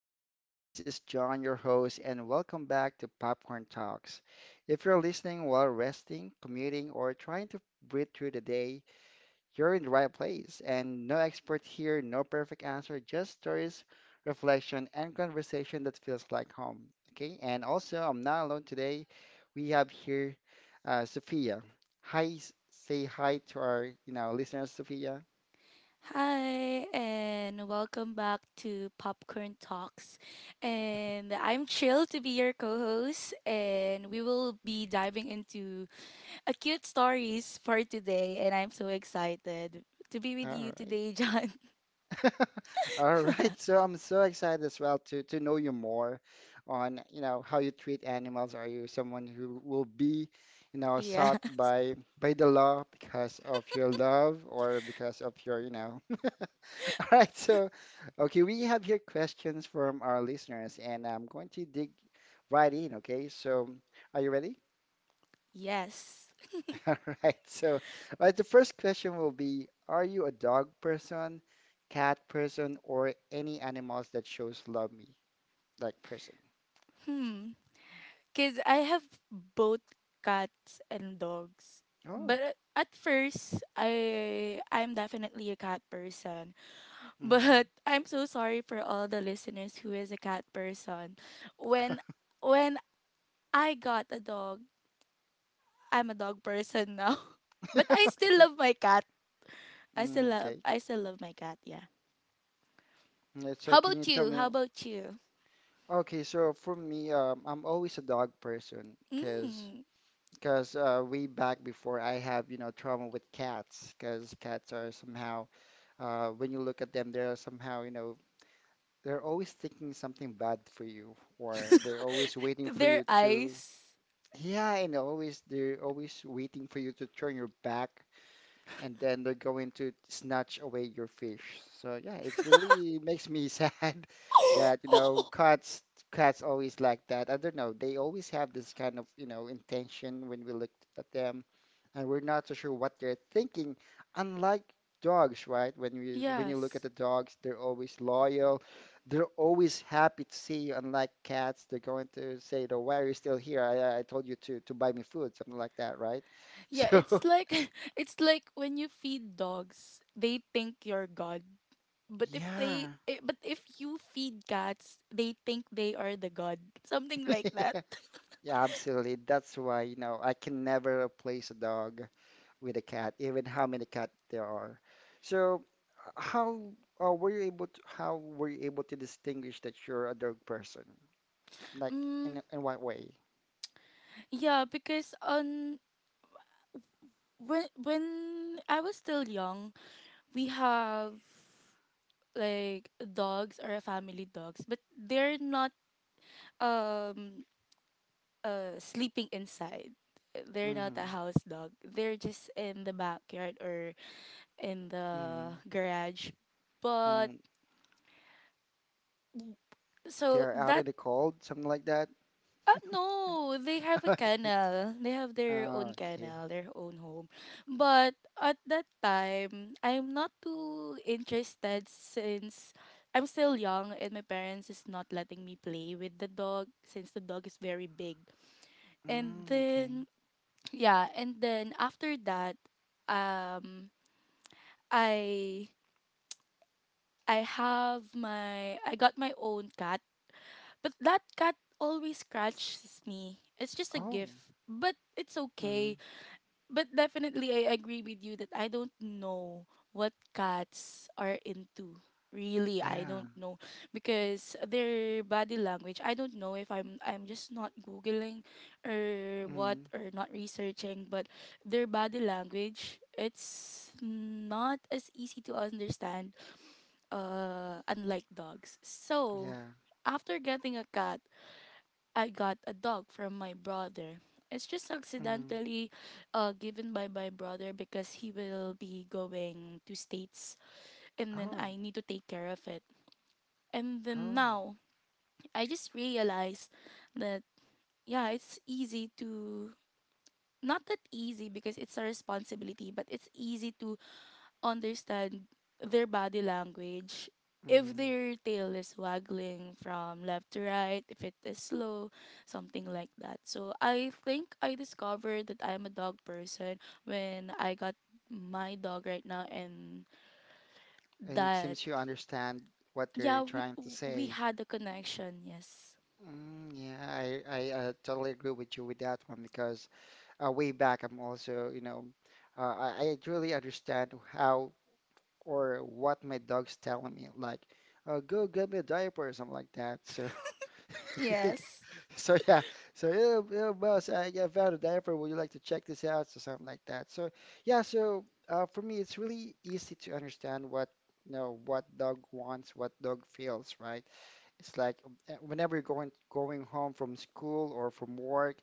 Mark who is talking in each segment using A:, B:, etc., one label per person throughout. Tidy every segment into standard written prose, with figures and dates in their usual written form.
A: Hi, everyone. This is John, your host, and welcome back to Popcorn Talks. If you're listening while resting, commuting, or trying to breathe through the day, you're in the right place. And no expert here, no perfect answer, just stories, reflection, and conversation that feels like home. Okay. And also, I'm not alone today. We have here Sophia. Hi, say hi to our, listeners, Sophia.
B: Hi, and welcome back to Popcorn Talks. And I'm thrilled to be your co host, and we will be diving into a cute stories for today. And I'm so excited to be with
A: All
B: you
A: right.
B: today, John.
A: All right, so I'm so excited as well to know you more on, you know, how you treat animals. Are you someone who will be, you know,
B: Yeah,
A: sought by the law because of your love or because of your, All right, so okay, we have here questions from our listeners and I'm going to dig right in, okay? So, are you ready?
B: yes.
A: All right. So, right, the first question will be, are you a dog person, cat person, or any animals that shows love me like person?
B: Hmm, because I have both cats and dogs.
A: Oh.
B: But at first, I'm definitely a cat person.
A: Hmm.
B: But I'm so sorry for all the listeners who is a cat person. When when I got a dog, I'm a dog person now. But I still
A: Okay.
B: love my cat. I still
A: Mm,
B: love
A: okay.
B: I still love my cat, yeah.
A: Yeah, so
B: How
A: can you
B: about
A: tell
B: you?
A: me?
B: How about you?
A: Okay, so for me, I'm always a dog person
B: Mm.
A: because way back before I have, you know, trauma with cats, because cats are somehow when you look at them, they're somehow, you know, they're always thinking something bad for you, or they're always waiting for
B: Their
A: you to,
B: eyes.
A: yeah, and always they're always waiting for you to turn your back and then they're going to snatch away your fish. So yeah, it really makes me sad that, you know, cats always like that. I don't know, they always have this kind of, you know, intention when we look at them, and we're not so sure what they're thinking. Unlike dogs, right? When you look at
B: Yes.
A: the dogs, they're always loyal. They're always happy to see you. Unlike cats, they're going to say, "Oh, why are you still here? I told you to buy me food," something like that, right?
B: Yeah,
A: So
B: it's like it's like when you feed dogs, they think you're God. But
A: yeah.
B: if you feed cats, they think they are the god. Something like that.
A: Yeah, absolutely. That's why, you know, I can never replace a dog with a cat, even how many cat there are. So, how were you able to, how were you able to distinguish that you're a dog person? Like,
B: Mm,
A: in what way?
B: yeah, because on when I was still young, we have like dogs or a family dogs, but they're not um sleeping inside. They're not
A: Mm-hmm.
B: a house dog. They're just in the backyard or in
A: Mm-hmm.
B: the garage. But
A: Mm.
B: so
A: They're out in
B: that.
A: the cold, something like that.
B: No, they have a
A: Okay.
B: canal. They have their
A: Ah,
B: own
A: okay.
B: canal, their own home. But at that time, I'm not too interested since I'm still young and my parents is not letting me play with the dog since the dog is very big. And
A: Mm, okay.
B: then yeah, and then after that, um I I got my own cat, but that cat always scratches me. It's just a
A: Oh.
B: gift, but it's
A: Mm.
B: okay. But definitely I agree with you that I don't know what cats are into. Really, I
A: Yeah.
B: don't know because their body language. I don't know if I'm just not googling or what
A: Mm.
B: or not researching, but their body language it's not as easy to understand unlike dogs. So,
A: Yeah.
B: after getting a cat, I got a dog from my brother. It's just
A: Mm.
B: accidentally given by my brother because he will be going to states and then
A: Oh.
B: I need to take care of it. And then
A: Oh.
B: now I just realized that yeah, it's easy to, not that easy because it's a responsibility, but it's easy to understand their body language. If
A: Mm.
B: their tail is waggling from left to right, if it is slow, something like that. So I think I discovered that I'm a dog person when I got my dog right now, and
A: And
B: that
A: seems you understand what they're
B: yeah, we
A: trying to
B: we
A: say.
B: had a connection. Yes,
A: Mm, yeah, I totally agree with you with that one because way back I'm also, you know, I really understand how or what my dog's telling me, like, go get me a diaper or something like that. So
B: yes,
A: So yeah, so boss, I found a diaper. Would you like to check this out? So something like that. So yeah, so for me, it's really easy to understand what, you know, what dog wants, what dog feels, right? It's like whenever you're going home from school or from work,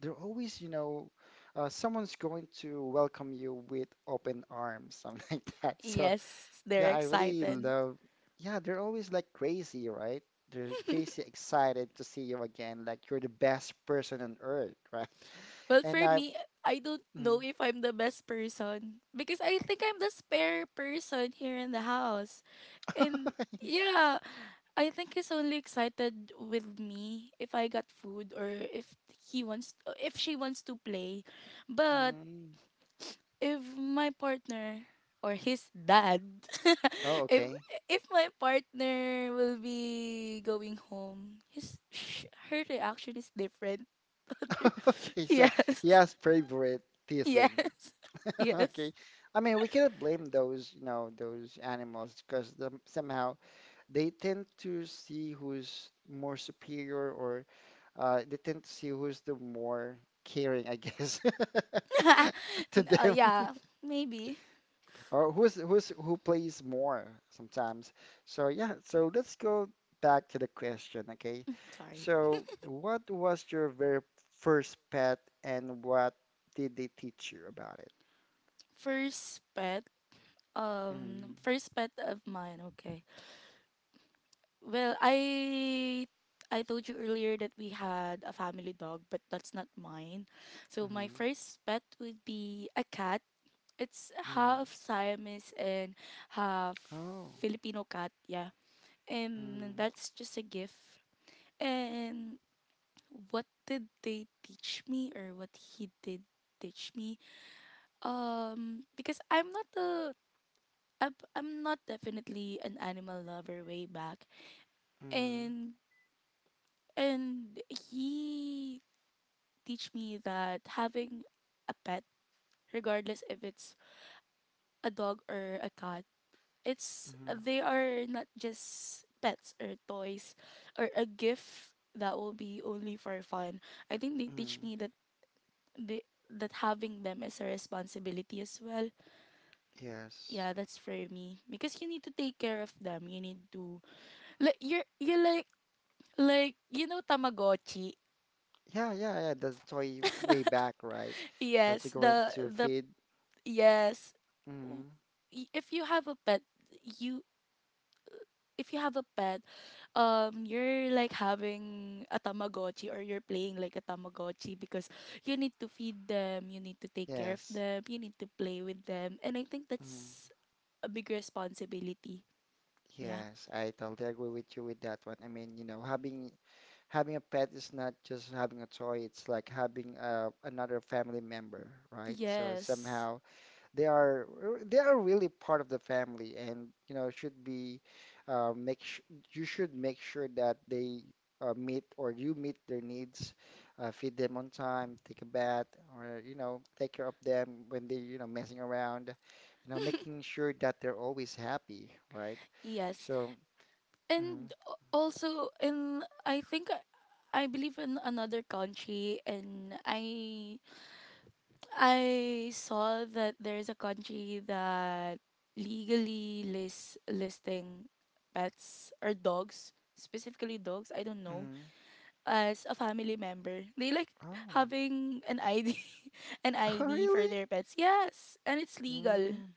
A: they're always, you know, someone's going to welcome you with open arms, something like that. So
B: yes. They're
A: yeah, I really
B: excited.
A: love. Yeah, they're always like crazy, right? They're crazy excited to see you again, like you're the best person on earth, right?
B: Well,
A: And
B: for
A: I,
B: me, I don't
A: mm,
B: know if I'm the best person because I think I'm the spare person here in the house. And yeah, I think he's only excited with me if I got food or if he wants if she wants to play. But
A: mm,
B: if my partner or his dad
A: oh,
B: if
A: okay,
B: if my partner will be going home, her reaction is different. Other-
A: okay. So
B: yes.
A: he has favoritism.
B: Yes. Yes.
A: Okay, I mean we cannot blame those, you know, those animals because the, somehow they tend to see who's more superior or they tend to see who's the more caring, I guess, to them,
B: Yeah, maybe.
A: or who plays more sometimes. So yeah, so let's go back to the question, okay?
B: Sorry.
A: So what was your very first pet, and what did they teach you about it?
B: First pet
A: Mm,
B: first pet of mine. Okay. Well, I told you earlier that we had a family dog, but that's not mine. So my
A: mm,
B: first pet would be a cat. It's half
A: mm.
B: Siamese and half
A: Oh,
B: Filipino cat. Yeah, and
A: mm,
B: that's just a gift. And what did they teach me, or what he did teach me? Because I'm not definitely an animal lover way back,
A: mm,
B: and he teach me that having a pet, regardless if it's a dog or a cat, it's,
A: mm,
B: they are not just pets or toys or a gift that will be only for fun. I think they teach
A: mm.
B: me that, they that having them is a responsibility as well.
A: Yes.
B: Yeah, that's for me because you need to take care of them, you need to, like you're like tamagotchi.
A: Yeah, yeah, yeah. The toy way back, right? That you're
B: Yes,
A: going
B: the
A: to feed.
B: Yes. W-
A: Mm,
B: If you have a pet, you if you have a pet, you're like having a Tamagotchi or you're playing like a Tamagotchi because you need to feed them, you need to take care of
A: yes.
B: them, you need to play with them. And I think
A: Mm,
B: that's a big responsibility. Yeah.
A: yes, I totally agree with you with that one. I mean, you know, having a pet is not just having a toy, it's like having another family member, right? So
B: Yes.
A: somehow they are they are really part of the family, and you know should be make sh you should make sure that they meet, or you meet their needs, feed them on time, take a bath, or you know take care of them when they, you know, messing around, you know, making sure that they're always happy, right?
B: Yes.
A: So, mm,
B: And also, in I think I believe in another country, and I saw that there's a country that legally lists listing pets or dogs, specifically dogs, I don't know,
A: mm,
B: as a family member. They like
A: oh,
B: having an ID an
A: oh
B: ID for
A: really?
B: their pets. Yes, and it's legal.
A: Mm,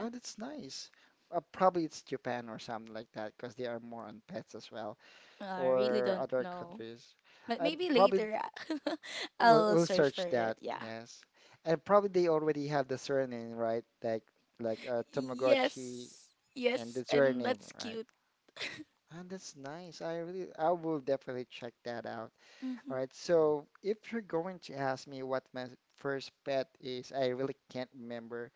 A: oh, that's nice. Probably it's Japan or something like that because they are more on pets as well.
B: I really
A: Or
B: don't
A: other
B: know.
A: countries.
B: But
A: And
B: maybe
A: probably th-
B: later,
A: we'll,
B: I'll
A: we'll
B: search for
A: search
B: it.
A: that,
B: Yeah.
A: yes. And probably they already have the surname, right? Like Tamagotchi
B: Yes.
A: and the
B: Yes, and
A: surname,
B: that's
A: right?
B: cute.
A: And that's nice. I really, I will definitely check that out. All
B: Mhm.
A: right. So if you're going to ask me what my first pet is, I really can't remember,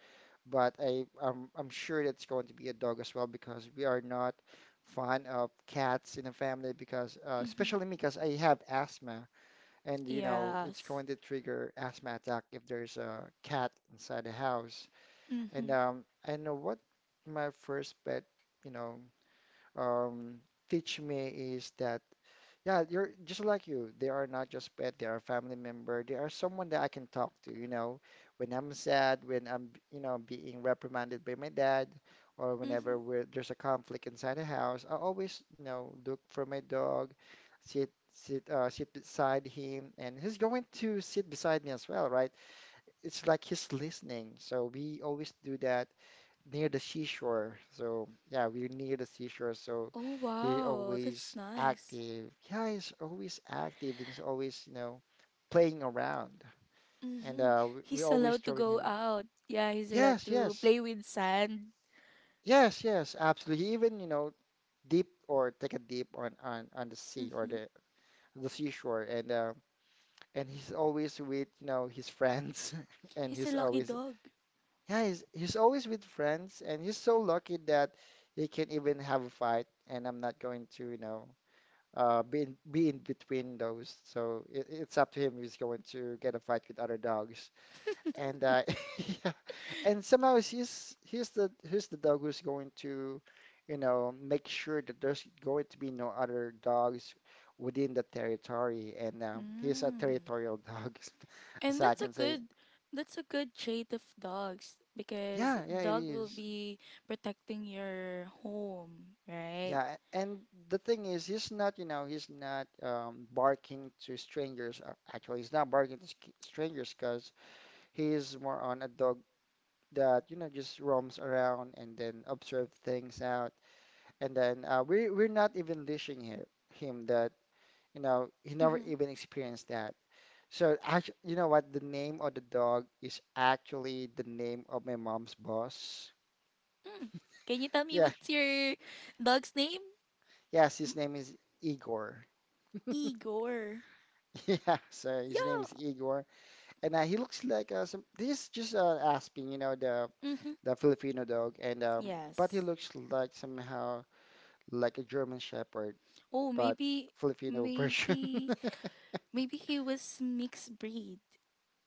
A: but I'm sure it's going to be a dog as well because we are not fond of cats in the family because
B: Mhm.
A: especially me because I have asthma. And you know, it's
B: Yes.
A: going to trigger asthma attack if there's a cat inside the house. And
B: Mhm.
A: I know what my first pet, you know, um, teach me is that, yeah, you're just like you. They are not just pet, they are family member. They are someone that I can talk to, you know, when I'm sad, when I'm, you know, being reprimanded by my dad, or
B: Mm-hmm.
A: whenever we're, there's a conflict inside the house, I always, you know, look for my dog, sit beside him, and he's going to sit beside me as well, right? It's like he's listening. So we always do that near the seashore. So yeah, we're near the seashore. So
B: Oh
A: he
B: wow, that's
A: always
B: nice.
A: active. Yeah, he's always active. And he's always, you know, playing around. And
B: Mm-hmm.
A: we
B: He's
A: always
B: allowed to
A: throwing
B: go
A: him.
B: out. Yeah, he's allowed
A: Yes,
B: to play with sand.
A: yes, absolutely. He even, you know, deep or take a dip on the sea or
B: Mm-hmm.
A: the seashore. And he's always with, you know, his friends. And
B: He's a
A: he's
B: lucky
A: always.
B: dog.
A: Yeah, he's always with friends, and he's so lucky that he can even have a fight, and I'm not going to, you know, be in between those. So it's up to him if he's going to get a fight with other dogs. And yeah, and somehow he's the dog who's going to, you know, make sure that there's going to be no other dogs within the territory, and he's a
B: Mm.
A: territorial dog, as
B: And
A: I
B: that's a
A: can say.
B: good that's a good trait of dogs because
A: Yeah, yeah, it
B: dog will
A: is.
B: be protecting your home, right?
A: Yeah, and the thing is, he's not, you know, he's not barking to strangers. Uh, actually, he's not barking to strangers because he's more on a dog that, you know, just roams around and then observe things out. And then we're not even leashing him, him that, you know, he never
B: Mm-hmm.
A: even experienced that. So actually, you know what? The name of the dog is actually the name of my mom's boss.
B: Mm. Can you tell me
A: Yeah,
B: what's your dog's name?
A: yes,
B: Mm,
A: his name is Igor.
B: Igor.
A: Yeah, so his name is
B: Yeah.
A: Igor. And he looks like some. This is just Aspen, you know,
B: Mm-hmm.
A: the Filipino dog, and but he
B: Yes.
A: looks like somehow like a German Shepherd,
B: Oh,
A: but Filipino version.
B: maybe Maybe he was mixed breed,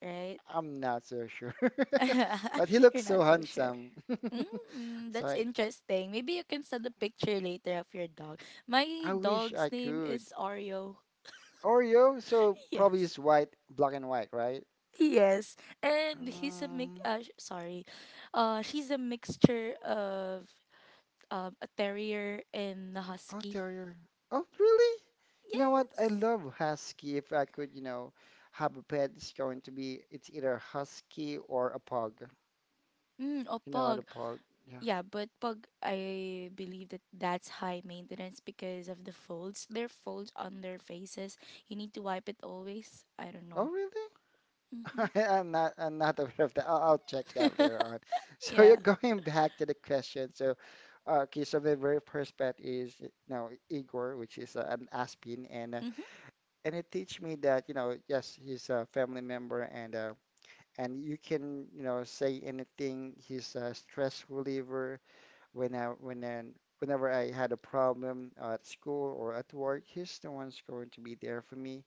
B: right?
A: I'm not so sure, but he looks
B: You're
A: so
B: not so sure.
A: handsome.
B: Mm,
A: So
B: that's interesting. Maybe you can send a picture later of your dog. My
A: I wish
B: dog's
A: I
B: name
A: could.
B: is Oreo.
A: Oreo, so probably
B: Yes.
A: it's white, black and white, right?
B: Yes. And he's a mix,
A: Um,
B: sorry. She's a mixture of a terrier and a
A: oh,
B: husky.
A: terrier. Oh, really? You know what? I
B: Yes.
A: love husky. If I could, you know, have a pet, it's going to be it's either husky or a pug.
B: Mm,
A: You know, the
B: opog.
A: pug. Yeah.
B: Yeah, but pug, I believe that that's high maintenance because of the folds. Their folds on their faces. You need to wipe it always. I don't
A: Oh,
B: know.
A: really?
B: Mm-hmm.
A: I'm not aware of that. I'll check that later on. So you're
B: Yeah.
A: going back to the question. So, okay. So the very first pet is, you know, Igor, which is an Aspin,
B: Mm-hmm.
A: and it teach me that, you know, yes, he's a family member. And uh, and you can, you know, say anything. He's a stress reliever. When I, when I, whenever I had a problem at school or at work, he's the one's going to be there for me.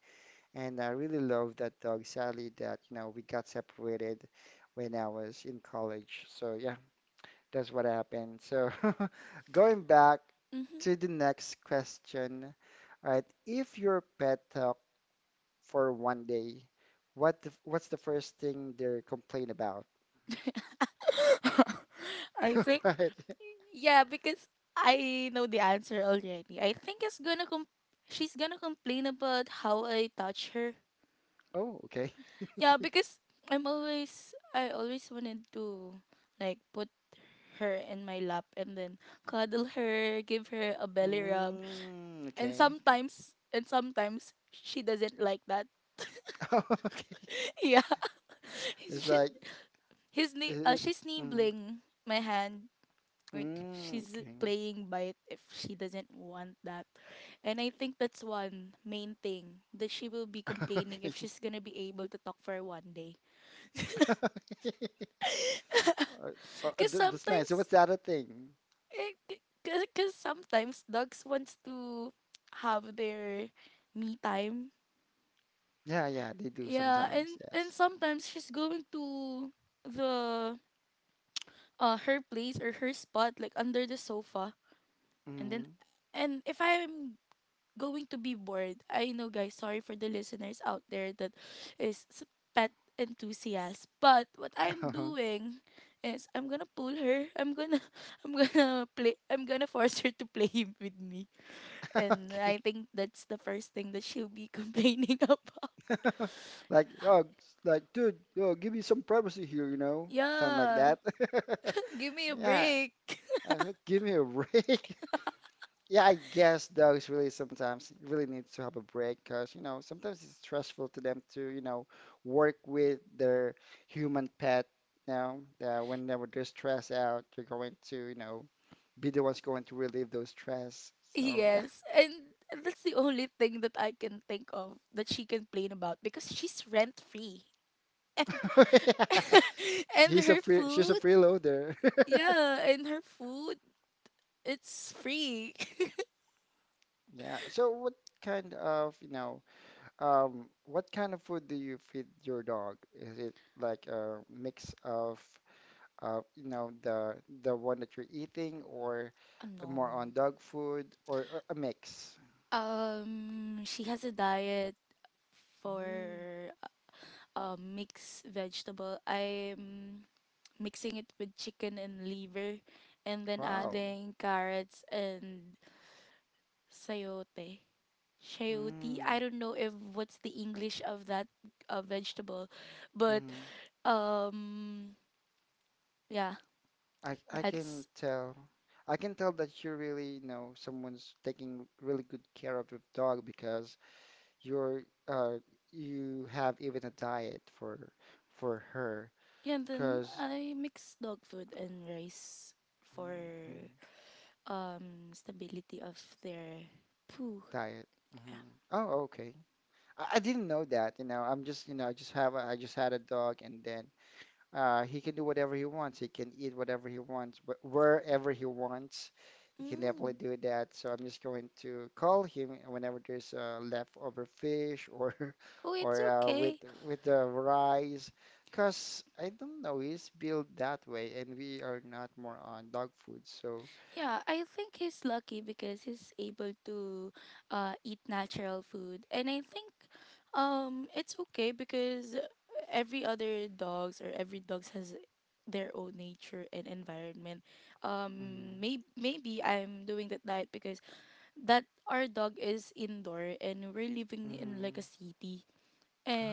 A: And I really love that dog, Sally, that, you know, we got separated when I was in college. So yeah, that's what happened. So going back to the next question. All right, if your pet talked for one day, what the, what's the first thing they complain about?
B: Mm-hmm. I think.
A: Right.
B: Yeah, because I know the answer already. I think she's gonna complain about how I touch her.
A: Oh, okay.
B: Yeah, because I always wanted to, like, put her in my lap and then cuddle her, give her a belly rub.
A: Mm,
B: And
A: okay.
B: sometimes she doesn't like that.
A: Oh, okay.
B: Yeah.
A: It's
B: She,
A: like,
B: his ni- uh,
A: uh,
B: she's
A: mm,
B: nibbling my hand. Like
A: mm,
B: she's
A: okay.
B: playing by it if she doesn't want that. And I think that's one main thing that she will be complaining
A: Okay.
B: if she's gonna be able to talk for one day.
A: Uh,
B: Cause
A: th- that's nice. So
B: sometimes,
A: what's the other thing?
B: eh, c- cause, cause sometimes dogs wants to have their me time.
A: Yeah, yeah, they do
B: Yeah,
A: sometimes.
B: and
A: Yes.
B: sometimes she's going to the her place or her spot, like under the sofa, and then
A: Mm.
B: and if I'm going to be bored, I know guys, sorry for the listeners out there that is pet enthusiast, but what I'm doing is I'm gonna pull her. I'm gonna I'm gonna force her to play with me. And
A: Okay.
B: I think that's the first thing that she'll be complaining about.
A: Like, dude, oh, give me some privacy here, something like
B: Yeah.
A: that.
B: Give me a
A: Yeah.
B: break.
A: Give me a break. Yeah, I guess dogs really sometimes really need to have a break because, sometimes it's stressful to them to, work with their human pet. Whenever they're stressed out, they're going to, be the ones going to relieve those stress. So,
B: Yes, and that's the only thing that I can think of that she complain about because she's rent free. And
A: yeah. Yeah.
B: and
A: He's a
B: her
A: free, she's a
B: food,
A: freeloader.
B: yeah, and her food, it's free.
A: Yeah. So what kind of, what kind of food do you feed your dog? Is it like a mix of uh, you know, the the one that you're eating, or more
B: No.
A: on dog food, or a mix?
B: She has a diet for
A: Mm,
B: mixed vegetable. I'm mixing it with chicken and liver and then
A: wow.
B: adding carrots and sayote. Chayote. I
A: Mm,
B: don't know if what's the English of that vegetable, but
A: mm.
B: um yeah,
A: I can
B: that's,
A: tell. I can tell that you really know someone's taking really good care of your dog because you're uh you have even a diet for her
B: yeah. And then
A: because
B: I mix dog food and rice for stability of their poo.
A: diet. Oh, okay. I didn't know that. I'm just I just have a, I just had a dog. And then uh, he can do whatever he wants. He can eat whatever he wants, wherever he wants. He can definitely
B: Mm.
A: do that. So I'm just going to call him whenever there's leftover fish or
B: Oh, it's
A: or
B: okay.
A: with the rice, cause I don't know, he's built that way, and we are not more on dog food. So,
B: Yeah, I think he's lucky because he's able to eat natural food. And I think it's okay because every dogs has their own nature and environment.
A: mm,
B: Maybe I'm doing that diet because that our dog is indoor and we're living in like a
A: mm.
B: city.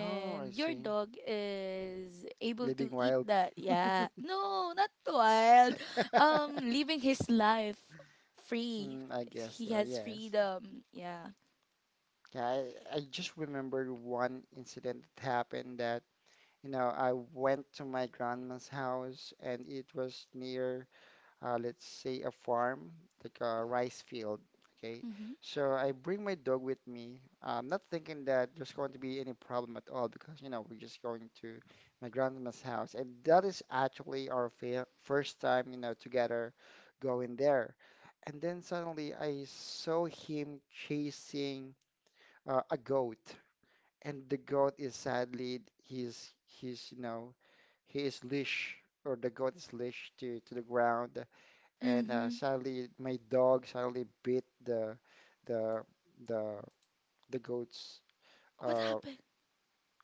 A: Oh, I
B: your
A: see.
B: dog is able to
A: Living
B: eat
A: wild.
B: that. Yeah. No, not wild. Living his life free.
A: Mm, I guess
B: He
A: so,
B: has
A: yes.
B: freedom. Yeah.
A: Yeah, I just remembered one incident that happened that I went to my grandma's house and it was near, let's say, a farm, like a rice field. Okay.
B: Mm-hmm.
A: So I bring my dog with me. I'm not thinking that there's going to be any problem at all because, we're just going to my grandma's house. And that is actually our first time, together going there. And then suddenly I saw him chasing a goat, and the goat is sadly he's he is leash, or the goat is leashed to the ground. And
B: Mm-hmm.
A: sadly my dog suddenly bit the the the the goat's
B: What
A: uh
B: happened?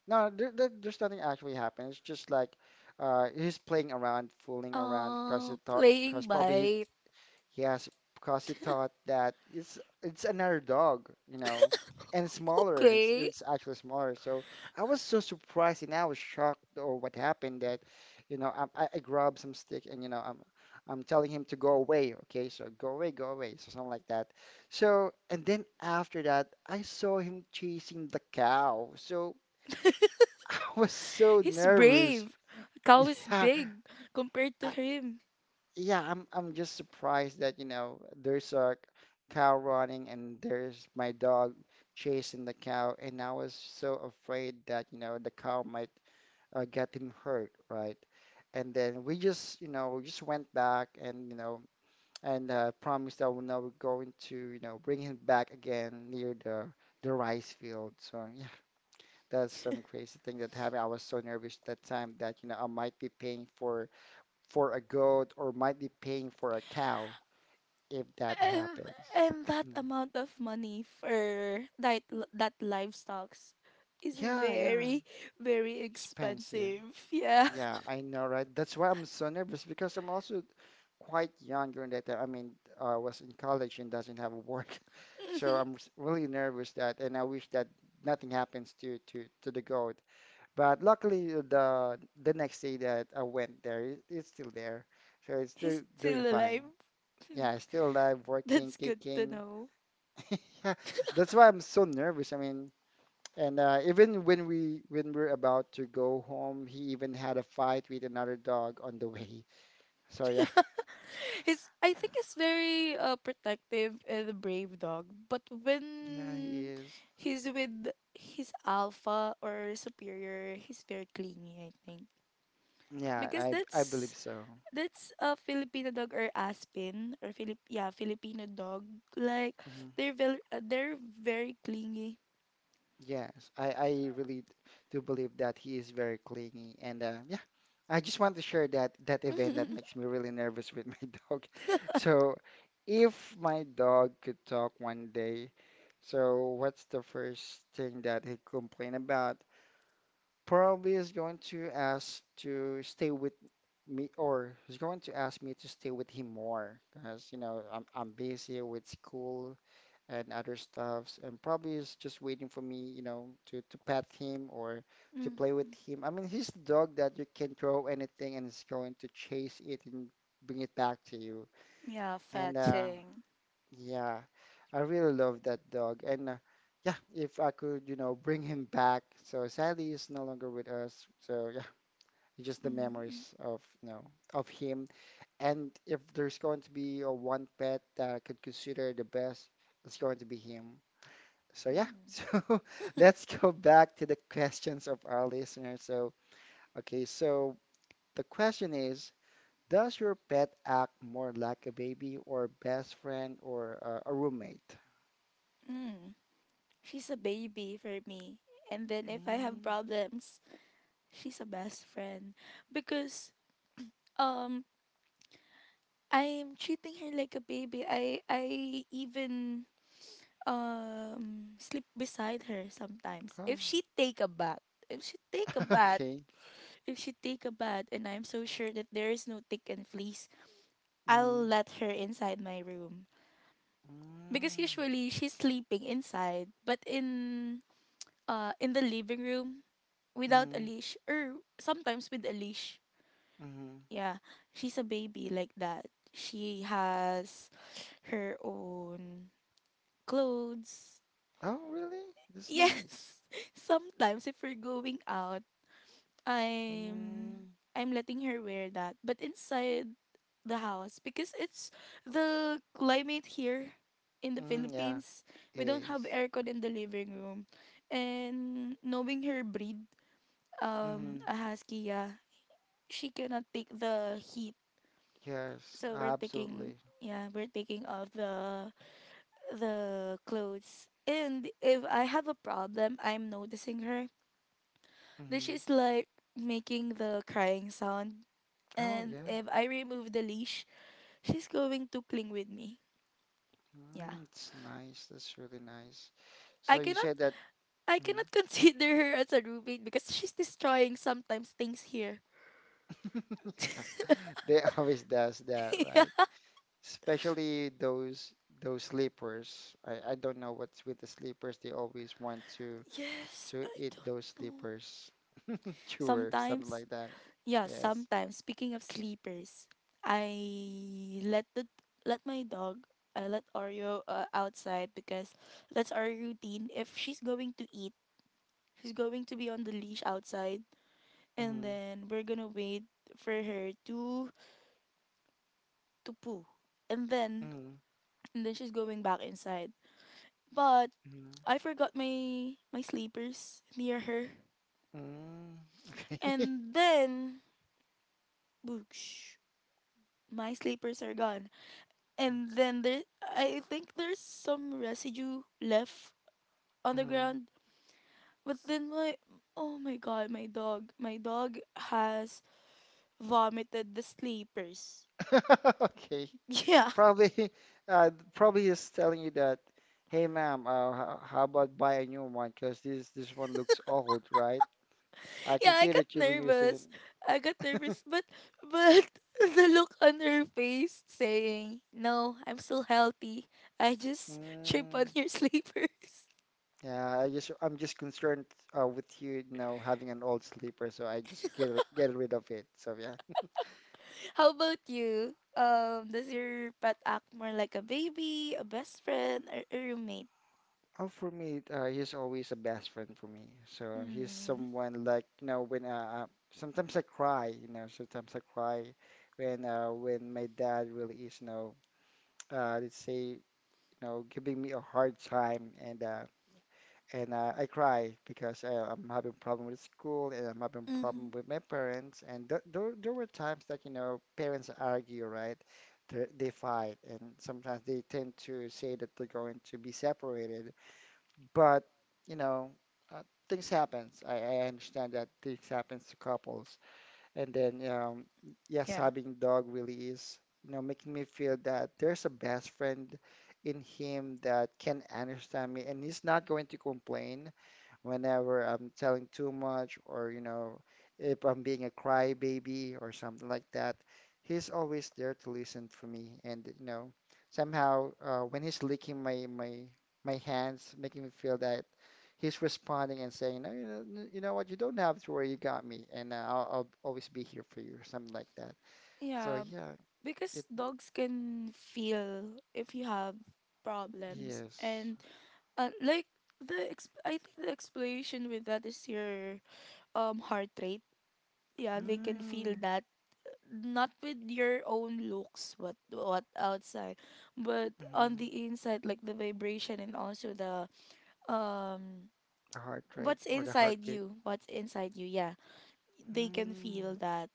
A: no, there's nothing actually happened. It's just like he's playing around, fooling around, because it thought, because
B: Playing
A: probably he,
B: bite.
A: yes, because he thought that it's another dog, and smaller.
B: Okay.
A: It's actually smaller. So I was so surprised and I was shocked or what happened that, I grabbed some stick and I'm telling him to go away. Okay, so go away, so something like that. So and then after that, I saw him chasing the cow. So I was so
B: He's
A: nervous.
B: brave. Cow is
A: Yeah,
B: big compared to
A: I,
B: him.
A: yeah, I'm just surprised that, there's a cow running and there's my dog chasing the cow, and I was so afraid that, the cow might get him hurt, right? And then we just, we just went back, and, and promised that we're now going to, bring him back again near the rice field. So yeah, that's some crazy thing that happened. I was so nervous that time that, I might be paying for a goat, or might be paying for a cow if that
B: And
A: happens.
B: that
A: Mm.
B: amount of money for that livestocks is
A: Yeah, yeah.
B: very, very
A: Expensive.
B: expensive, yeah.
A: Yeah, I know, right? That's why I'm so nervous, because I'm also quite young during that time. I mean, I was in college and doesn't have work. So I'm really nervous that, and I wish that nothing happens to to the goat. But luckily, the next day that I went there, it's still there. So it's still
B: He's
A: doing
B: still
A: fine.
B: alive.
A: Yeah, still alive, working,
B: That's good to
A: kicking.
B: know.
A: Yeah, that's why I'm so nervous. I mean, and even when we, when we're about to go home, he even had a fight with another dog on the way. So yeah,
B: He's I think he's very, protective and a brave dog, but
A: yeah, he
B: when
A: is.
B: he's with his alpha or superior he's very clingy, I think,
A: Yeah,
B: because
A: I believe
B: that's
A: so.
B: That's a Filipino dog or Aspen or Filipino dog. Like
A: hmm
B: they're very clingy.
A: Yes, I really do believe that he is very clingy. And yeah, I just want to share that that event that makes me really nervous with my dog. So if my dog could talk one day, so what's the first thing that he'd complain about? Probably is going to ask to stay with me, or he's going to ask me to stay with him more, because I'm busy with school and other stuffs, and probably is just waiting for me to pet him or to play
B: Mm.
A: with him. I mean, he's the dog that you can throw anything and it's going to chase it and bring it back to you.
B: Yeah,
A: And
B: fetching.
A: yeah, I really love that dog. And yeah, if I could, bring him back. So sadly he's no longer with us, so yeah, just the
B: Mm.
A: memories of, of him. And if there's going to be a one pet that I could consider the best, it's going to be him. So yeah, so let's go back to the questions of our listeners. So okay, so the question is, does your pet act more like a baby or best friend, or a roommate?
B: Mm. She's a baby for me. And then if I have
A: Mm,
B: problems, she's a best friend because um I'm treating her like a baby. I even sleep beside her sometimes.
A: oh,
B: If she take a bath, if she take a bath
A: okay.
B: If she take a bath and I'm so sure that there is no tick and fleas, I'll
A: Mm,
B: let her inside my room. Because
A: mm,
B: usually she's sleeping inside, but in the living room without a
A: mm,
B: leash or sometimes with a leash.
A: mm.
B: Yeah, she's a baby like that. She has her own clothes.
A: Oh, really? That's nice.
B: Yes. Sometimes if we're going out, I'm I'm letting her wear that, but inside the house because it's the climate here in the
A: Mm, yeah,
B: Philippines.
A: it
B: We don't have
A: is.
B: aircon in the living room, and knowing her breed,
A: Mm-hmm.
B: a husky, yeah, she cannot take the heat.
A: Yes,
B: So we're taking
A: absolutely.
B: yeah, we're taking off the clothes. And if I have a problem, I'm noticing her. Then
A: Mm-hmm.
B: she's like making the crying sound,
A: Oh,
B: and
A: yeah.
B: if I remove the leash, she's going to cling with me. Yeah.
A: Mm, it's nice. That's really nice.
B: I
A: So you
B: cannot
A: said that.
B: I
A: Mhm.
B: cannot consider her as a roommate because she's destroying sometimes things here.
A: Yeah, they always does that,
B: Yeah.
A: right? Especially those sleepers. I don't know what's with the sleepers. They always want
B: Yes,
A: to
B: I
A: eat
B: don't
A: those
B: know.
A: sleepers, chewer, something
B: Sometimes,
A: like that.
B: yeah,
A: Yes.
B: sometimes speaking of sleepers, I let the let my dog I let Oreo outside because that's our routine. If she's going to eat, she's going to be on the leash outside, and
A: Mm-hmm.
B: then we're going to wait for her to poo. And then
A: Mm-hmm.
B: she's going back inside. But
A: Mm-hmm.
B: I forgot my sleepers near her.
A: Mm. Okay.
B: And then boosh, my sleepers are gone. And then there I think there's some residue left on the
A: Mm-hmm.
B: ground. But then my oh my god, my dog. My dog has vomited the sleepers.
A: Okay.
B: Yeah.
A: Probably, probably is telling you that, hey, ma'am, how about buy a new one? Because this one looks old, right? I
B: Yeah,
A: can
B: I
A: see
B: got
A: that you've been using
B: nervous.
A: it.
B: I got nervous, but but the look on her face saying, "No, I'm still healthy. I just trip on
A: Mm,
B: your sleepers."
A: yeah, I just I'm just concerned with you, having an old sleeper, so I just get rid of it. So yeah.
B: How about you? Does your pet act more like a baby, a best friend, or a roommate?
A: Oh, for me, he's always a best friend for me. So he's
B: Mm.
A: someone like, when sometimes I cry, sometimes I cry when my dad really is, let's say, you giving me a hard time. And I cry because I'm having problem with school, and I'm having
B: Mm-hmm.
A: problem with my parents. And th there there were times that, parents argue, right? They fight, and sometimes they tend to say that they're going to be separated. But you know uh, things happens. I understand that things happens to couples. And then yes,
B: Yeah.
A: having dog really is, making me feel that there's a best friend in him that can understand me, and he's not going to complain whenever I'm telling too much, or, if I'm being a crybaby or something like that. He's always there to listen for me. And, somehow when he's licking my hands, making me feel that he's responding and saying, no, you know what, you don't have to worry, you got me. And I'll always be here for you, or something like that. So,
B: Yeah,
A: yeah, it,
B: because dogs can feel if you have problems
A: yes.
B: and like the I think the explanation with that is your heart rate. Yeah, they can feel
A: Mm,
B: that, not with your own looks, what outside, but
A: mhm.
B: on the inside, like the vibration, and also the um
A: The heart rate
B: what's
A: or the
B: inside
A: heartbeat.
B: you, what's inside you. Yeah, they can
A: Mm.
B: feel that.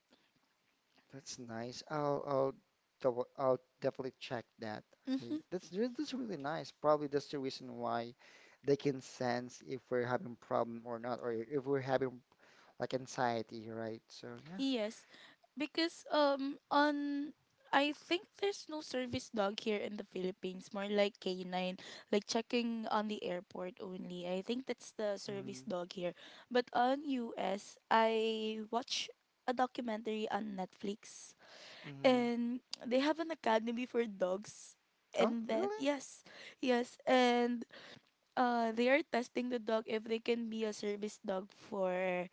A: That's nice. I'll definitely check that. Okay,
B: Mhm.
A: that's really nice. Probably that's the reason why they can sense if we're having problem or not, or if we're having like anxiety, right? So yeah.
B: Yes, because on I think there's no service dog here in the Philippines, more like canine, like checking on the airport only. I think that's the service
A: Mm,
B: dog here. But on U. S. I watch a documentary on Netflix,
A: mm.
B: and they have an academy for dogs.
A: Oh,
B: And then
A: really?
B: yes, yes, and they are testing the dog if they can be a service dog for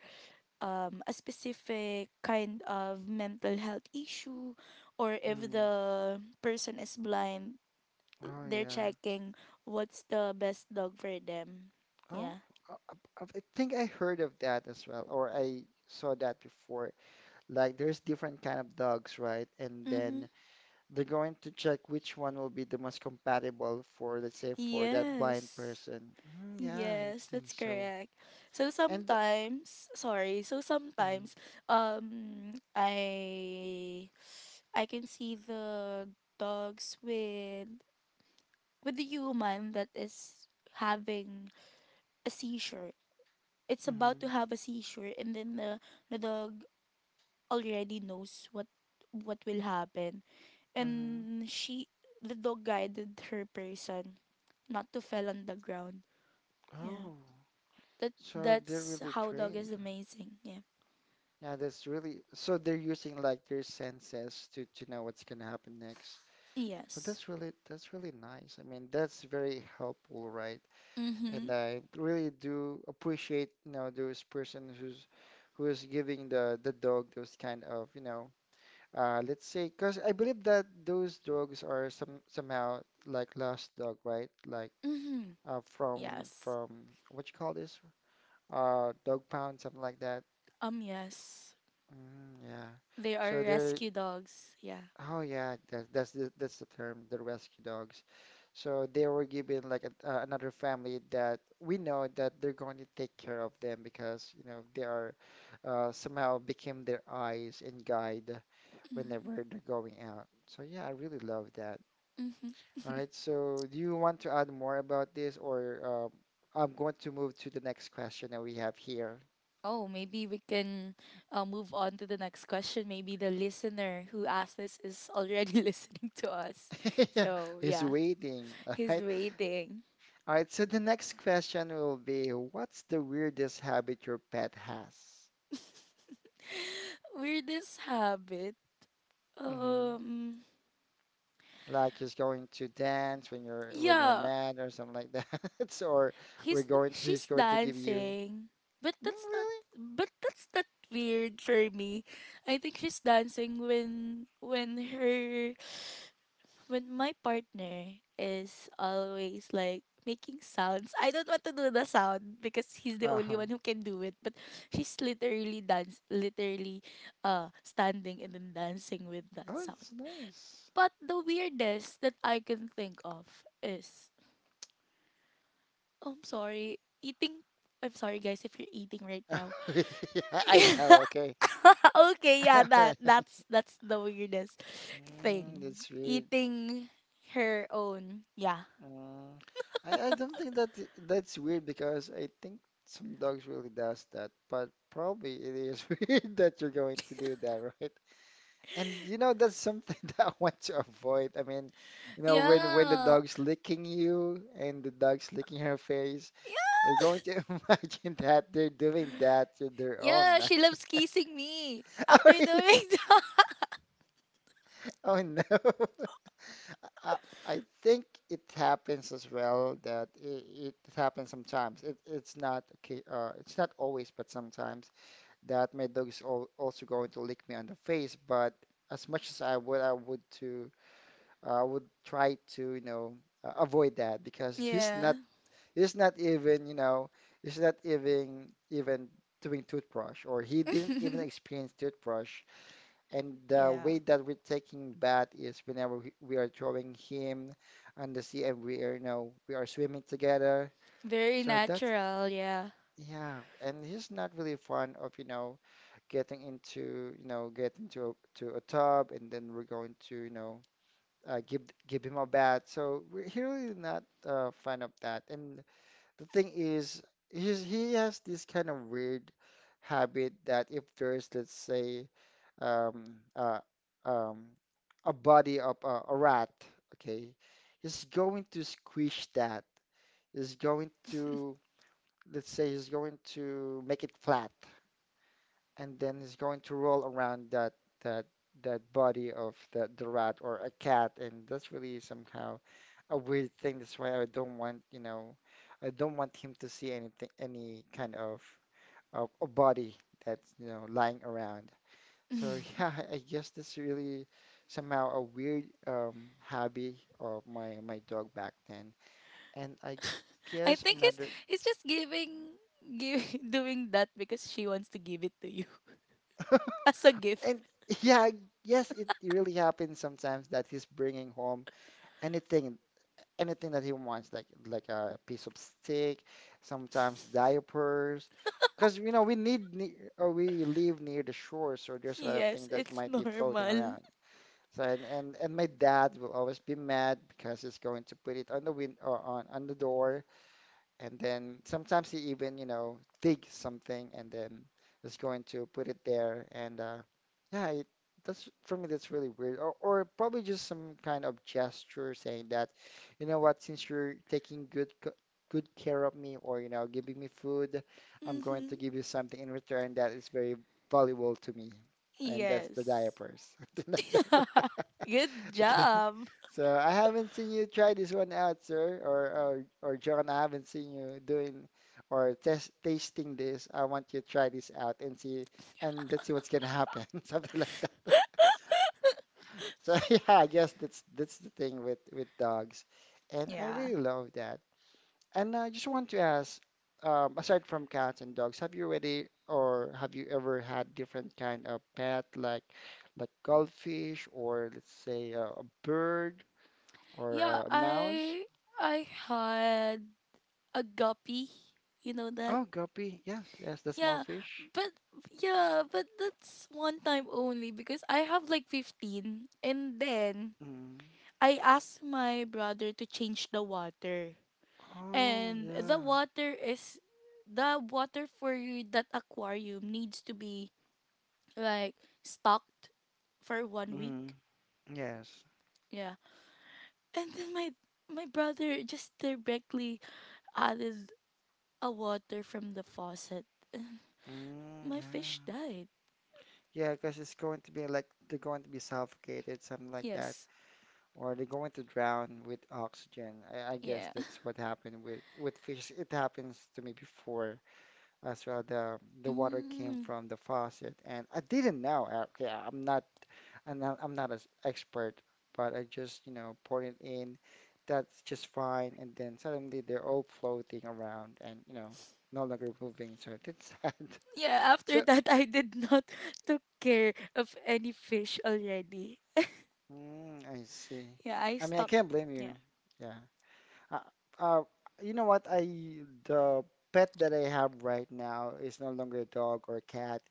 B: a specific kind of mental health issue, or if
A: Mm.
B: the person is blind.
A: Oh
B: They're
A: yeah.
B: checking what's the best dog for them.
A: Oh,
B: Yeah.
A: I, I think I heard of that as well, or I saw that before. Like there's different kind of dogs, right? And
B: Mm-hmm.
A: then they're going to check which one will be the most compatible for, let's say, for that blind
B: Yes.
A: person. Mm, yeah, I
B: Yes,
A: think
B: that's
A: so.
B: correct. So
A: And
B: sometimes, sorry, so
A: mm,
B: sometimes um I I can see the dogs with the human that is having a seizure, it's about
A: mm,
B: to have a seizure, and then the dog already knows what will happen.
A: mm.
B: And she the dog guided her person not to fall on the ground. Yeah,
A: Oh,
B: that
A: so they're
B: that's
A: really
B: how dog is
A: trained.
B: amazing. Yeah.
A: Yeah, that's really, so they're using like their senses to know what's gonna happen next. So
B: Yes.
A: that's really, that's really nice. I mean, that's very helpful, right? And
B: Mhm.
A: I really do appreciate, those person who's who is giving the dog those kind of, let's say, because I believe that those dogs are some somehow like lost dog, right? Like
B: Mhm. Yes.
A: from what you call this? Dog pound, something like that.
B: Um, yes,
A: Mm, yeah.
B: they are
A: So they're,
B: rescue dogs. Yeah.
A: oh yeah, that's that's the term, the rescue dogs. So they were given like another family that we know that they're going to take care of them because you know they are somehow became their eyes and guide whenever they're going out. So yeah, I really love that. All right, so do you want to add more about this, or I'm going to move to the next question that we have here.
B: Oh, maybe we can move on to the next question. Maybe the listener who asked this is already listening to us.
A: Yeah,
B: So,
A: he's
B: yeah,
A: waiting. All
B: he's
A: right,
B: waiting.
A: all right. So the next question will be, what's the weirdest habit your pet has?
B: Weirdest habit.
A: hmm
B: Um,
A: Like he's going to dance when you're
B: yeah,
A: mad or something like that, or we're
B: he's
A: going to, he's
B: she's
A: going to give you.
B: dancing, but
A: Mm,
B: that's not
A: really?
B: but that's not weird for me. I think she's dancing when her when my partner is always like making sounds. I don't want to do the sound because he's the only
A: Uh-huh.
B: one who can do it. But she's literally dance, literally, standing and then dancing with that
A: Oh,
B: sound.
A: it's nice.
B: But the weirdest that I can think of is, oh, I'm sorry, eating. I'm sorry, guys, if you're eating right now.
A: Yeah, I
B: Yeah.
A: know. Okay.
B: Okay, yeah,
A: All right.
B: that's that's the weirdest
A: Mm,
B: thing.
A: that's weird.
B: Eating her own, yeah.
A: Mm, I don't think that that's weird because I think some dogs really does that, but probably it is weird that you're going to do that, right? And you know that's something that I want to avoid. I mean, you know when the
B: Yeah.
A: dog's licking you and the dog's licking her face, you're going to imagine that they're doing that to their own,
B: Yeah,
A: right?
B: she loves kissing me
A: Oh
B: after doing
A: really?
B: that.
A: Oh no. I, I think it happens as well it happens sometimes. It's not okay. It's not always, but sometimes that my dog is al also going to lick me on the face. But as much as I would to I would try to avoid that because
B: Yeah.
A: he's not even he's not even doing toothbrush or he didn't even experience toothbrush and the
B: Yeah.
A: way that we're taking bath is whenever we are drawing him on the sea and we are, you know, we are swimming together.
B: Very
A: So that's,
B: natural, yeah.
A: yeah. And he's not really fond of, you know, getting into, you know, getting to to a tub and then we're going to, you know, uh, give give him a bath. So he really not fan of that. And the thing is, he has this kind of weird habit that if there's, let's say, um, uh, um, a body of a rat, okay, he's going to squish that. He's going to, let's say, he's going to make it flat and then it's going to roll around that that body of the rat or a cat, and that's really somehow a weird thing. That's why I don't want, you know, I don't want him to see anything, any kind of a body that's, you know, lying around. So yeah, I guess that's really somehow a weird hobby of my my dog back then. And I
B: I
A: guess
B: think
A: another
B: it's just giving give, doing that because she wants to give it to you as a gift.
A: and yeah, yes, it really happens sometimes that he's bringing home anything anything that he wants like a piece of steak, sometimes diapers, because you know we need ne or we live near the shore, so there's a lot of
B: Yes,
A: things that
B: it's
A: might be floating
B: normal.
A: around. So and my dad will always be mad because he's going to put it on the win or on the door, and then sometimes he even you know dig something and then is going to put it there. And yeah that's for me, that's really weird, or probably just some kind of gesture saying that, you know what, since you're taking good care of me, or you know, giving me food, I'm going
B: Mhm.
A: to give you something in return that is very valuable to me, and that's the
B: Yes.
A: diapers, something like that.
B: Good
A: Okay.
B: job.
A: So I haven't seen you try this one out, sir, or John, I haven't seen you doing or test tasting this. I want you to try this out and see, and let's see what's gonna happen. Something like that. So yeah, I guess that's the thing with dogs. And I
B: Yeah.
A: really love that. And I just want to ask, aside from cats and dogs, have you already or have you ever had different kind of pet like goldfish, or let's say a bird? Or
B: Yeah,
A: a mouse?
B: I had a guppy. You know that?
A: Oh, guppy. Yes, yes, the small
B: Yeah,
A: fish.
B: but that's one time only because I have like 15, and then
A: Mm.
B: I asked my brother to change the water.
A: Oh,
B: And the
A: yeah.
B: water is the water for you- that aquarium needs to be like stocked for 1 week.
A: Mm. Yes.
B: Yeah. And then my brother just directly added a water from the faucet.
A: Mm,
B: My fish
A: yeah.
B: died.
A: Yeah, because it's going to be like they're going to be suffocated, something like that,
B: Yes.
A: or they're going to drown with oxygen. I guess
B: Yeah.
A: that's what happened with fish. It happens to me before as well. The water came
B: Mm.
A: from the faucet and I didn't know. Okay, I'm not an expert, but I just you know poured it in, that's just fine, and then suddenly they're all floating around, and you know, no longer moving, so it's sad.
B: Yeah, after
A: So
B: that, I did not took care of any fish already.
A: mm, I see.
B: Yeah, I
A: I mean, I
B: stopped.
A: can't blame
B: Yeah.
A: you, yeah. uh, uh you know what, I the pet that I have right now is no longer a dog or a cat.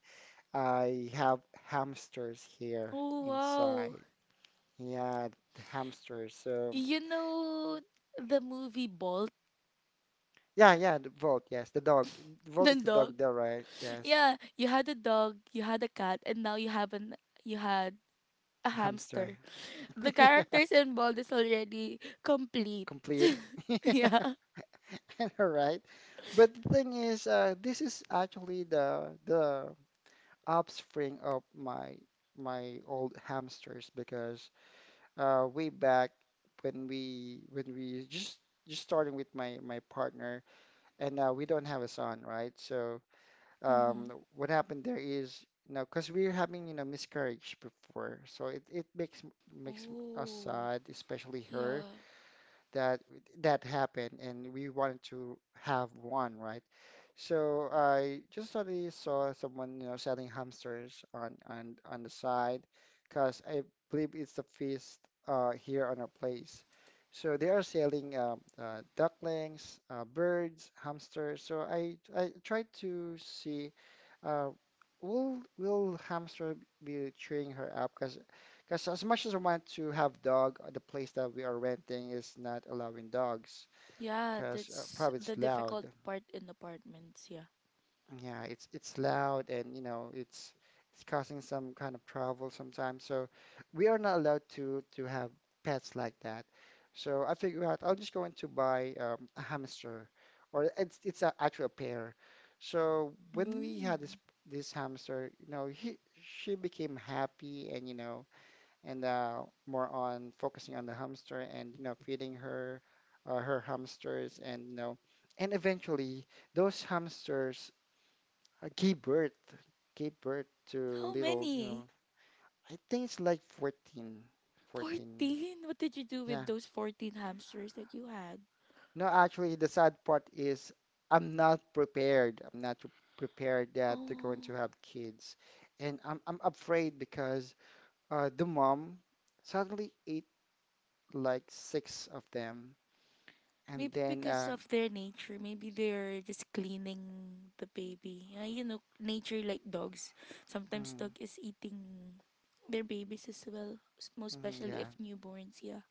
A: I have hamsters here
B: Oh, wow.
A: inside. Yeah, the hamsters. So
B: You know the movie Bolt,
A: yeah, yeah, the Volt, yes, the dog. Volt
B: the
A: is the
B: dog?
A: dog there, right? Yes.
B: Yeah, you had a dog, you had a cat, and now you have an you had a
A: Hamster.
B: hamster. The
A: Yeah,
B: characters in Bolt is already complete.
A: complete. Yeah,
B: Yeah.
A: all right. But the thing is, this is actually the offspring of my old hamsters, because way back when we just starting with my partner, and we don't have a son, right? So
B: Mm-hmm.
A: what happened there is, you know, because we're having, you know, miscarriage before, so it makes us
B: Oh,
A: sad, especially her,
B: yeah.
A: that that happened, and we wanted to have one, right? So I just suddenly saw someone, you know, selling hamsters on the side, because I believe it's the feast here on our place. So they are selling ducklings, birds, hamsters. So I tried to see, uh, will hamster be cheering her up? Because as much as I want to have dog, the place that we are renting is not allowing dogs
B: Yeah,
A: because
B: that's
A: probably
B: the
A: it's loud.
B: difficult part in apartments, yeah.
A: Yeah, it's loud, and you know, it's causing some kind of trouble sometimes. So we are not allowed to have pets like that. So I figured out I'm just going to buy a hamster, or it's a, actually a pair. So when we had
B: Mm.
A: this hamster, you know, he she became happy, and you know, and more on focusing on the hamster, and you know, feeding her hamsters. And you know, and eventually those hamsters I gave birth, gave birth to
B: How
A: little, you
B: many?
A: know, I think it's like 14.
B: 14? What did you do
A: Yeah.
B: with those 14 hamsters that you had?
A: No, actually, the sad part is I'm not prepared. I'm not pre- prepared that they're going to
B: Oh,
A: have kids. And I'm afraid because the mom suddenly ate like six of them, and
B: maybe
A: then
B: because of their nature. Maybe they're just cleaning the baby. You know, nature like dogs. Sometimes
A: mm,
B: dog is eating their babies as well, s- most especially if
A: yeah,
B: newborns, yeah.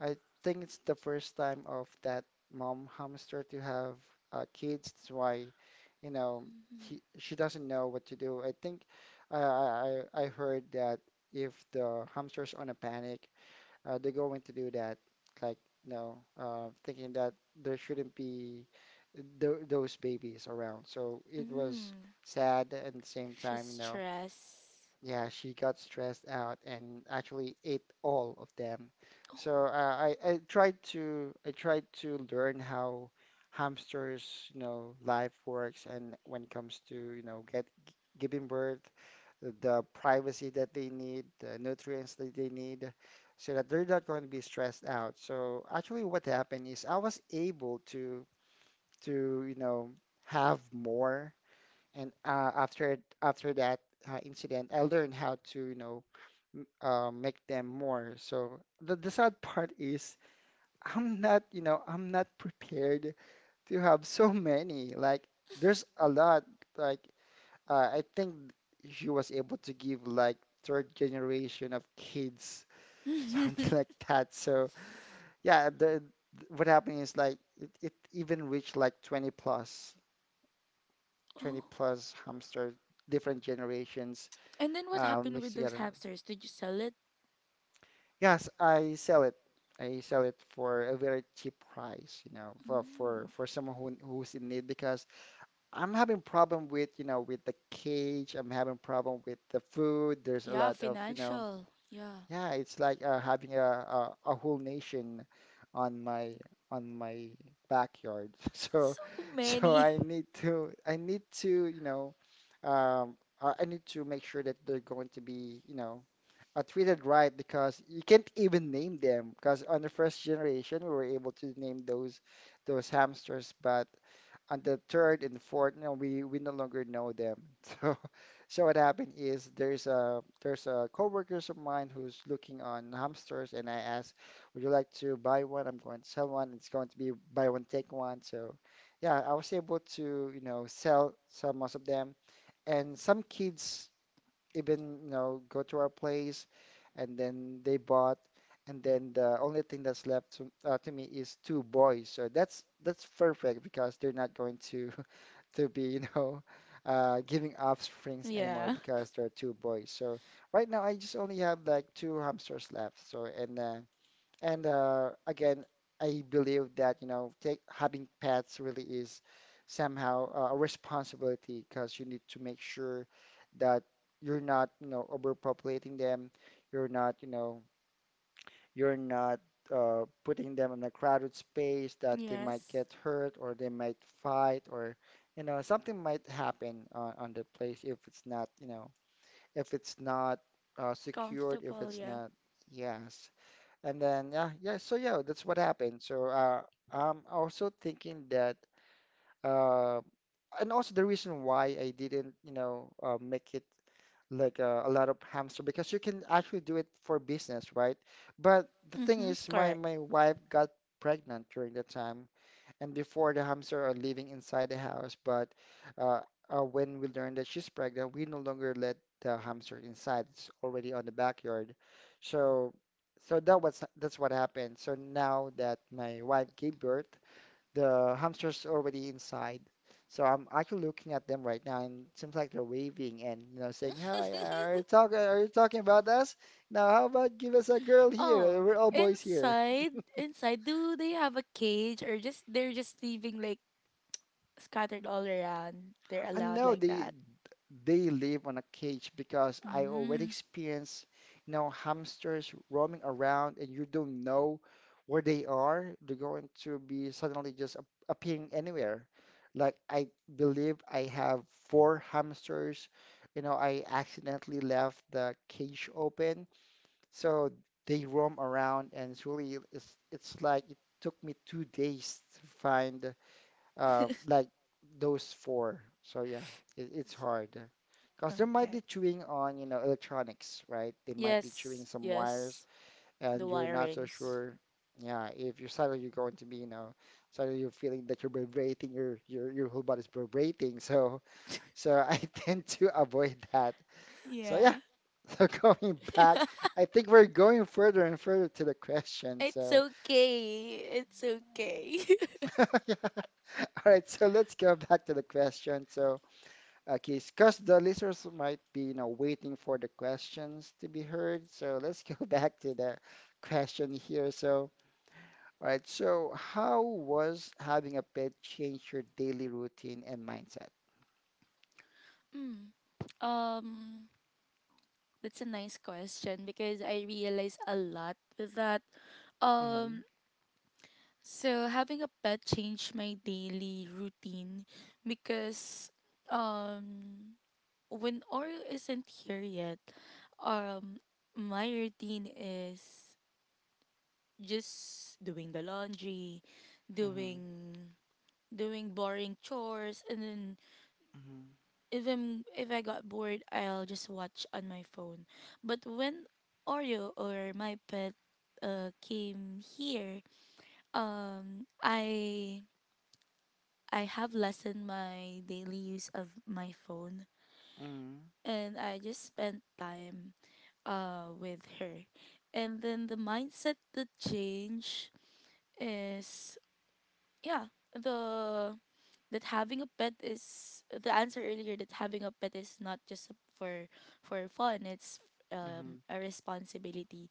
A: I think it's the first time of that mom hamster to have kids. That's why, you know, he she doesn't know what to do. I think I heard that if the hamster's on a panic, they're going to do that. Like, you know, thinking that there shouldn't be th those babies around. So it was
B: Mm,
A: sad, and at the same
B: she's
A: time, you know,
B: stressed.
A: yeah, she got stressed out and actually ate all of them. So
B: Oh.
A: I tried to learn how hamsters, you know, life works, and when it comes to, you know, giving birth, the privacy that they need, the nutrients that they need, so that they're not going to be stressed out. So actually what happened is I was able to you know, have more. And after that incident, I learned how to, you know, make them more. So the sad part is I'm not, you know, I'm not prepared to have so many. Like there's a lot. Like I think she was able to give like third generation of kids, something like that. So yeah, what happened is like it even reached like 20 plus, 20
B: Oh.
A: plus hamsters, different generations
B: And then what happened
A: mixed
B: with those
A: together.
B: hamsters? Did you sell it?
A: Yes, I sell it. I sell it for a very cheap price, you know, for someone who who's in need, because I'm having problem with, you know, with the cage. I'm having problem with the food. There's a
B: Yeah,
A: lot of, you know,
B: financial. Yeah.
A: yeah, it's like having a whole nation on my backyard. So
B: That's so many.
A: I need to you know, um I need to make sure that they're going to be, you know, I treated right, because you can't even name them, because on the first generation we were able to name those hamsters, but on the third and fourth, no, we no longer know them. So so what happened is there's a coworkers of mine who's looking on hamsters, and I asked, would you like to buy one? I'm going to sell one. It's going to be buy one take one. So yeah, I was able to sell most of them, and some kids even go to our place and then they bought, and then the only thing that's left to me is two boys, so that's perfect because they're not going to to be giving offsprings anymore
B: Yeah.
A: because there are two boys, so right now I just only have like two hamsters left, so and again, I believe that, having pets really is somehow a responsibility because you need to make sure that you're not, overpopulating them. You're not, you know, you're not putting them in a crowded space that they might
B: Yes.
A: get hurt or they might fight, or something might happen on the place if it's not, if it's not secured, if
B: Comfortable,
A: it's
B: yeah.
A: not. Yes. And then yeah, yeah. So yeah, that's what happened. So I'm also thinking that, uh, and also the reason why I didn't, make it like a lot of hamster because you can actually do it for business, right? But the thing
B: Mm-hmm.
A: is, my
B: Correct.
A: my wife got pregnant during that time, and before the hamster are living inside the house, but uh, when we learn that she's pregnant, we no longer let the hamster inside. It's already on the backyard. So, so that's what happened. So now that my wife gave birth, the hamster's already inside. So I'm actually looking at them right now, and it seems like they're waving and saying, "Hi, are you talking? Are you talking about us? Now, how about give us a girl here?
B: Oh,
A: We're all boys here."
B: inside, inside, do they have a cage, or just they're just leaving like scattered all around? They're
A: I
B: allowed
A: know
B: like
A: they
B: that.
A: they live on a cage because I already
B: Mm,
A: experienced, hamsters roaming around and you don't know where they are. They're going to be suddenly just appearing anywhere. Like I believe I have four hamsters. I accidentally left the cage open, so they roam around, and it's like it took me 2 days to find like those four. So yeah, it's hard because there might be
B: okay.
A: chewing on, electronics, right? They might be chewing
B: Yes,
A: some wires,
B: yes.
A: and
B: The
A: you're not so
B: wirings.
A: sure. Yeah, if you're suddenly you're going to be, suddenly you're feeling that you're vibrating, your whole body's vibrating. So I tend to avoid that. So yeah,
B: Yeah.
A: so going back, I think we're going further and further to the question.
B: It's
A: So
B: okay. It's okay.
A: yeah. All right, so let's go back to the question. So okay, because the listeners might be, waiting for the questions to be heard. So let's go back to the question here. So, all right. So, how was having a pet change your daily routine and mindset?
B: Mm. Um, that's a nice question because I realize a lot with that.
A: Mm-hmm,
B: Um, So having a pet changed my daily routine because um when Oreo isn't here yet, um my routine is just doing the laundry,
A: mm-hmm,
B: doing doing boring chores, and then if I'm if I got bored, I'll just watch on my phone. But when Oreo or my pet came here, um I I have lessened my daily use of my phone,
A: mm-hmm,
B: and I just spent time with her. And then the mindset that change is, yeah, the that having a pet is the answer earlier, that having a pet is not just for fun, it's
A: mm-hmm,
B: a responsibility.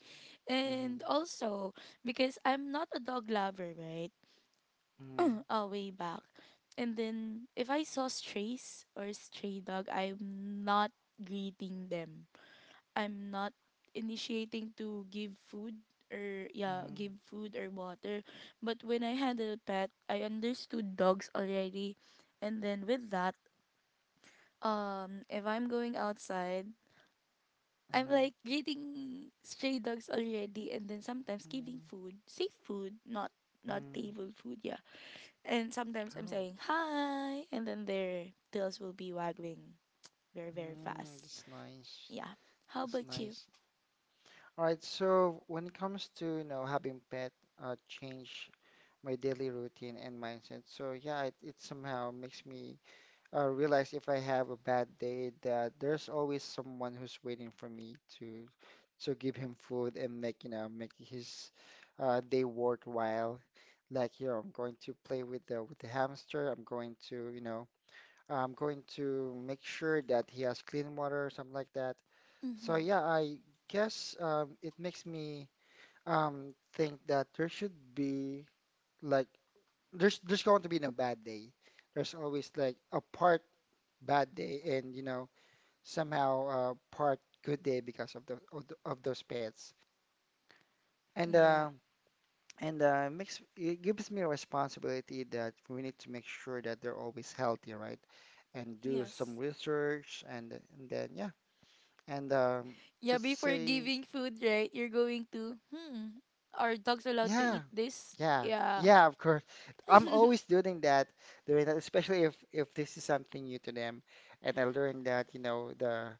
A: mm-hmm,
B: And also, because I'm not a dog lover, right?
A: mm-hmm,
B: Way back. And then if I saw strays or stray dog, I'm not greeting them. I'm not initiating to give food or, yeah,
A: mm-hmm,
B: give food or water. But when I had a pet, I understood dogs already. And then with that, if I'm going outside,
A: mm-hmm,
B: I'm
A: mm-hmm,
B: like greeting stray dogs already, and then sometimes giving
A: mm-hmm.
B: food, safe food, not table food, yeah. And sometimes I'm
A: Oh,
B: saying hi, and then their tails will be waggling very, very
A: mm,
B: fast.
A: that's nice.
B: Yeah. How
A: That's
B: about you?
A: nice. All right. So, when it comes to, having pet change my daily routine and mindset. So yeah, it somehow makes me realize if I have a bad day that there's always someone who's waiting for me to give him food and make make his day worthwhile. Like here, I'm going to play with the hamster. I'm going to make sure that he has clean water or something like that. So
B: Mm-hmm.
A: yeah, I guess it makes me think that there should be like there's going to be no bad day. There's always like a part bad day and somehow a part good day because of those pets. And
B: Yeah.
A: it gives me a responsibility that we need to make sure that they're always healthy, right? And do some
B: Yes.
A: research and then yeah. And
B: Yeah,
A: let's
B: before
A: say.
B: giving food, right, you're going to, hmm, are dogs allowed to
A: Yeah,
B: eat this?
A: yeah,
B: Yeah.
A: yeah, of course. I'm always doing that, especially if this is something new to them. And I learned that, the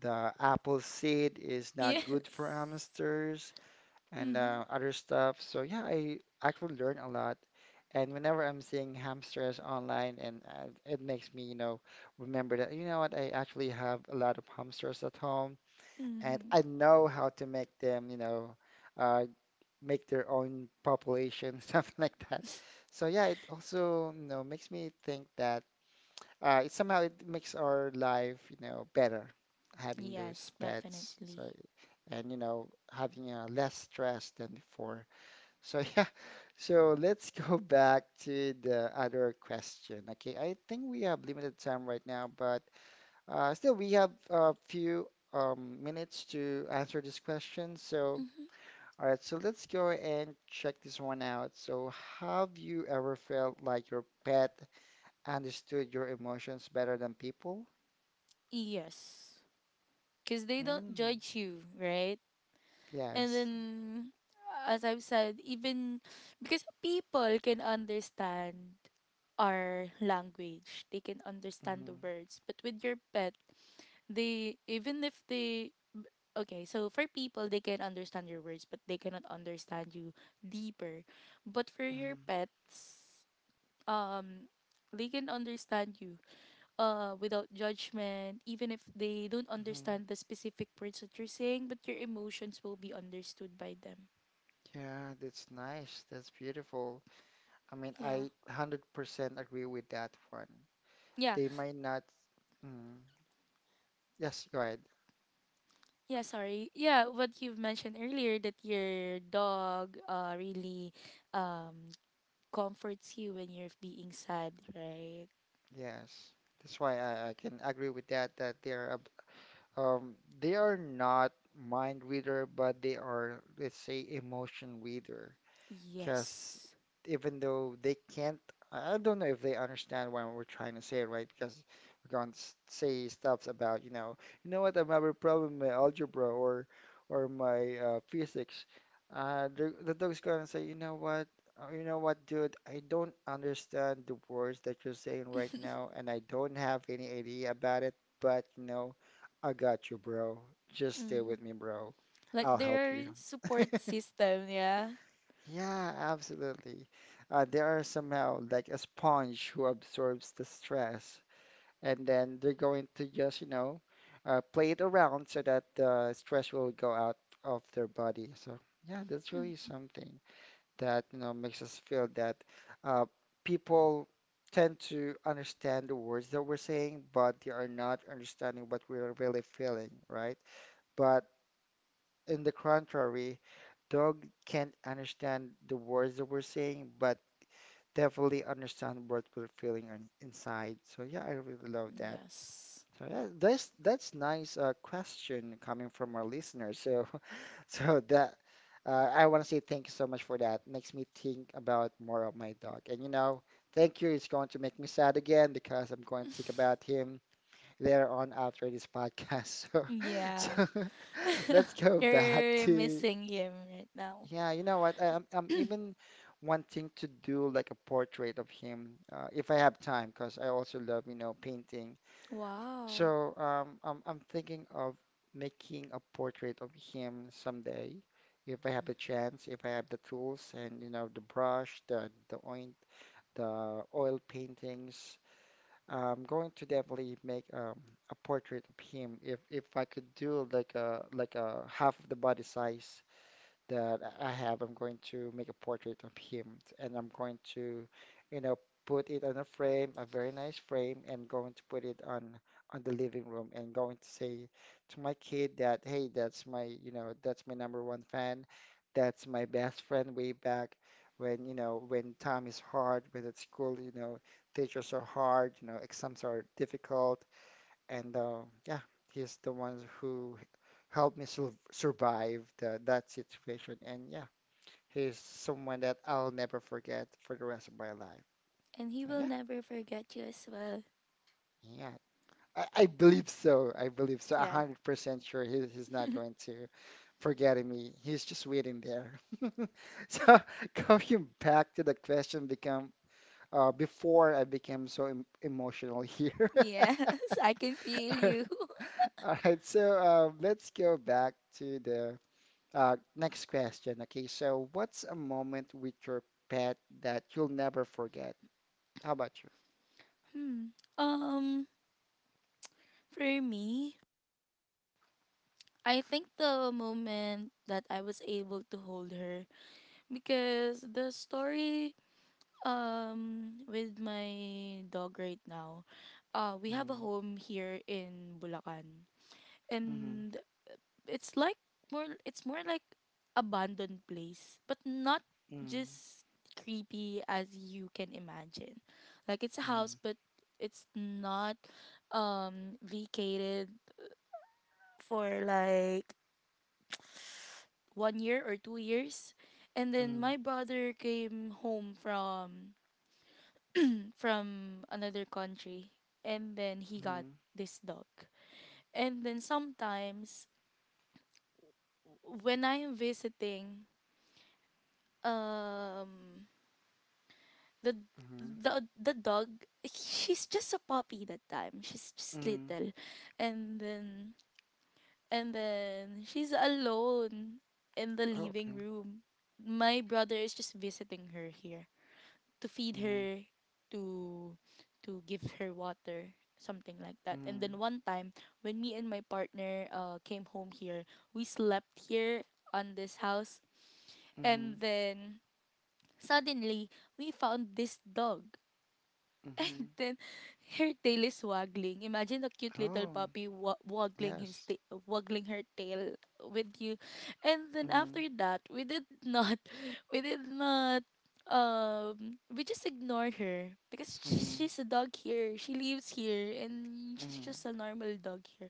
A: the apple seed is not good for
B: Yes.
A: hamsters and
B: Mm-hmm.
A: other stuff. So yeah, I actually learn a lot. And whenever I'm seeing hamsters online, and it makes me, remember that, you know what, I actually have a lot of hamsters at home, and
B: Mm-hmm.
A: I know how to make them, uh, Make their own population, something like that. So yeah, it also, makes me think that it somehow it makes our life, better having those
B: Yes,
A: pets.
B: definitely.
A: So and having less stress than before. So yeah, so let's go back to the other question. Okay, I think we have limited time right now, but still we have a few minutes to answer this question. So.
B: Mm-hmm.
A: All right, so let's go and check this one out. So, have you ever felt like your pet understood your emotions better than people?
B: Yes. Because they don't
A: Mm,
B: judge you, right? And
A: yes.
B: then, as I've said, even because people can understand our language, they can understand the
A: Hmm.
B: words. But with your pet, they, even if they, okay, so for people, they can understand your words, but they cannot understand you deeper. But for your
A: Hmm.
B: pets, um, they can understand you, without judgment, even if they don't
A: Hmm.
B: understand the specific words that you're saying, but your emotions will be understood by them.
A: Yeah, that's nice. That's beautiful. I mean,
B: Yeah.
A: I 100% agree with that one.
B: Yeah.
A: They might not. Mm, yes, go ahead.
B: Yeah, sorry. Yeah, what you've mentioned earlier, that your dog really um comforts you when you're being sad, right?
A: Yes. That's why I can agree with that, that they are um, not mind reader, but they are, let's say, emotion reader, because
B: Yes.
A: even though they can't, I don't know if they understand what we're trying to say, right? Because we're going to say stuff about, you know what, I'm having a problem with algebra or my physics. The dog's gonna say, you know what, dude, I don't understand the words that you're saying right now, and I don't have any idea about it, but I got you, bro. Just stay
B: Mm-hmm.
A: with me, bro.
B: Like
A: I'll help
B: their
A: you.
B: support system, yeah.
A: Yeah, absolutely. They are somehow like a sponge who absorbs the stress, and then they're going to just, play it around so that the stress will go out of their body. So, yeah, that's really
B: Mm.
A: something that, makes us feel that uh, people tend to understand the words that we're saying, but they are not understanding what we're really feeling, right? But in the contrary, dog can't understand the words that we're saying, but definitely understand what we're feeling on, inside. So yeah, I really love that.
B: Yes.
A: So yeah, that's nice question coming from our listener. So so that I want to say thank you so much for that. Makes me think about more of my dog. And thank you is going to make me sad again because I'm going to think about him later on after this podcast. So
B: Yeah.
A: so let's go back
B: You're
A: to.
B: missing him right now.
A: Yeah, you know what? I'm even wanting to do like a portrait of him if I have time, because I also love, painting.
B: Wow.
A: So I'm thinking of making a portrait of him someday, if I have the chance, if I have the tools, and the brush, the oint, the oil paintings. I'm going to definitely make a portrait of him if I could do like a half of the body size that I have. I'm going to make a portrait of him, and I'm going to, you know, put it on a frame, a very nice frame, and going to put it on the living room, and going to say to my kid that, hey, that's my #1 fan. That's my best friend way back when, when time is hard, when at school, teachers are hard, exams are difficult, and yeah, he's the one who helped me survive that situation. And yeah, he's someone that I'll never forget for the rest of my life.
B: And he
A: So
B: will
A: yeah,
B: never forget you as well.
A: yeah, I believe so. I believe so. A
B: Yeah.
A: hundred percent sure he's not going to forget me. He's just waiting there. So coming back to the question, become before I became so emotional here.
B: Yes, I can feel you.
A: All right, so let's go back to the. Next question. Okay, so what's a moment with your pet that you'll never forget? How about you?
B: Hmm. For me, I think the moment that I was able to hold her, because the story with my dog right now, we have a home here in Bulacan.
A: Mm, mhm,
B: And it's like more, it's more like abandoned place, but not
A: mhm,
B: just creepy as you can imagine. Like it's a house,
A: mhm,
B: but it's not vacated for like 1 year or 2 years. And then my brother came home from another country, and then he got
A: mhm,
B: this dog. And then sometimes when I am visiting um the
A: mhm,
B: the dog, she's just a puppy that time. She's
A: mhm,
B: just
A: mhm.
B: little. And then she's alone in the
A: Oh,
B: living
A: okay.
B: room. My brother is just visiting her here to feed
A: Mhm,
B: her, to give her water, something like that. And
A: mhm,
B: then one time when me and my partner came home here, we slept here on this house.
A: mhm,
B: And then suddenly we found this dog. And
A: mhm.
B: then her tail is waggling. Imagine a cute little
A: Oh,
B: puppy waggling his
A: yes.
B: waggling her tail with you. And then after
A: Mhm,
B: that, we did not we did not we just ignored her because
A: mhm,
B: she's a dog here. She lives here and she's
A: mhm.
B: just a normal dog here.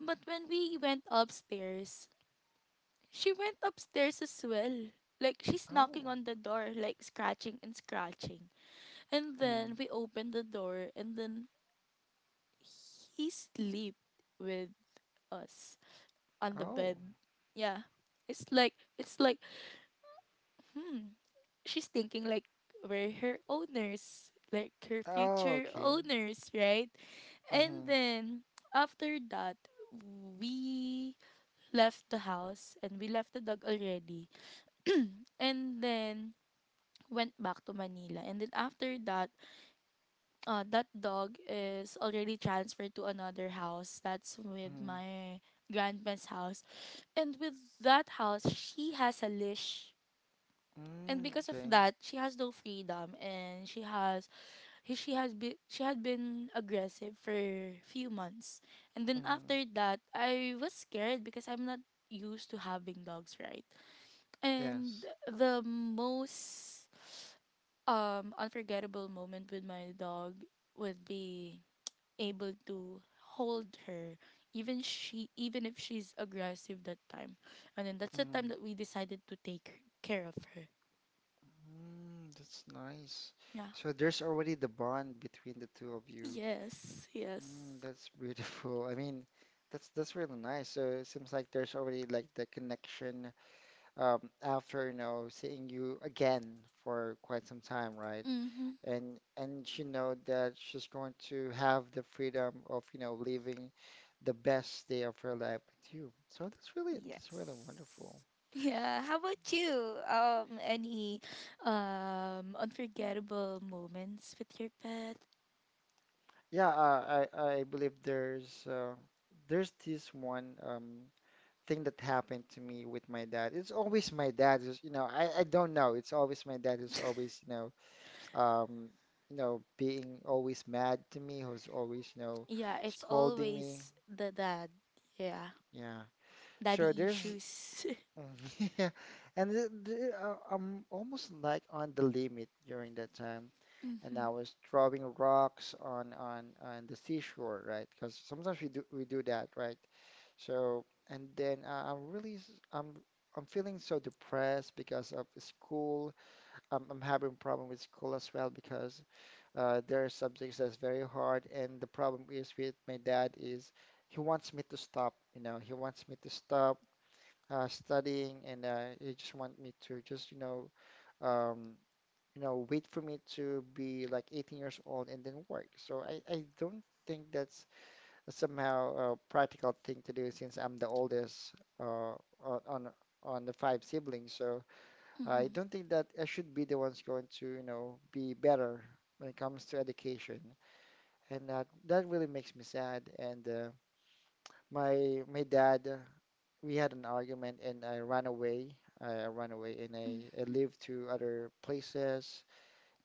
B: But when we went upstairs, she went upstairs as well. Like she's knocking
A: Oh,
B: on the door, like scratching and scratching. And
A: mhm.
B: then we opened the door, and then he slept with us on the bed.
A: Oh,
B: Yeah. It's like hmm, she's thinking like we're her owners, like her
A: oh,
B: future
A: okay.
B: owners, right? And
A: Mhm,
B: then after that, we left the house and we left the dog already, and then went back to Manila. And then after that, that dog is already transferred to another house. That's with
A: mhm,
B: my grandma's house. And with that house, she has a leash. And
A: mm,
B: because of
A: okay.
B: that, she has no freedom and she has he- she has been she had been aggressive for few months. And then
A: Mhm,
B: after that, I was scared because I'm not used to having dogs, right? And
A: yes.
B: the most unforgettable moment with my dog would be able to hold her even she even if she's aggressive that time. And then that's the
A: Mm-hmm.
B: time that we decided to take care of her.
A: Mm, that's nice.
B: Yeah.
A: So there's already the bond between the two of you.
B: Yes, yes,
A: Mm, that's beautiful. I mean, that's really nice. So it seems like there's already like the connection after, you know, seeing you again for quite some time, right?
B: mm-hmm.
A: And she know that she's going to have the freedom of, you know, living the best day of her life with you. So that's really wonderful.
B: Yes. Yeah. How about you? Any unforgettable moments with your pet?
A: Yeah, I believe there's this one thing that happened to me with my dad. It's always my dad is, you know, I don't know. It's always my dad who's always, um, you know, being always mad to me, who's always, you know,
B: Yeah, it's
A: scolding me.
B: always the dad. Yeah,
A: Yeah. So
B: daddy
A: there's
B: issues.
A: yeah, and I'm almost like on the limit during that time. And
B: Mm-hmm.
A: I was throwing rocks on the seashore, right? Because sometimes we do that, right? So and then I'm really I'm feeling so depressed because of school. I'm having problem with school as well because there are subjects that's very hard, and the problem is with my dad is he wants me to stop, you know, he wants me to stop studying, and he just want me to just Um, you know, wait for me to be like 18 years old and then work. So I don't think that's somehow a practical thing to do since I'm the oldest, uh, on on on the five siblings. So I
B: Mm-hmm.
A: don't think that I should be the ones going to, you know, be better when it comes to education. And that really makes me sad. And my dad, we had an argument and I ran away. I ran away and I
B: Mhm.
A: lived to other places.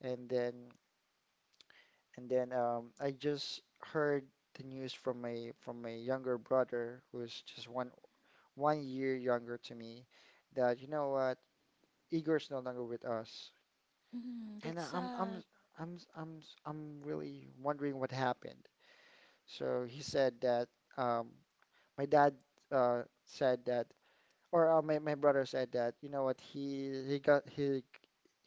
A: And then I just heard the news from my younger brother, who's just one year younger to me, that, you know what, Igor's no longer with us.
B: Mm,
A: And I-
B: that's
A: I'm
B: a
A: I'm I'm I'm I'm really wondering what happened. So he said that, um, my dad, said that, or my brother said that, you know what, he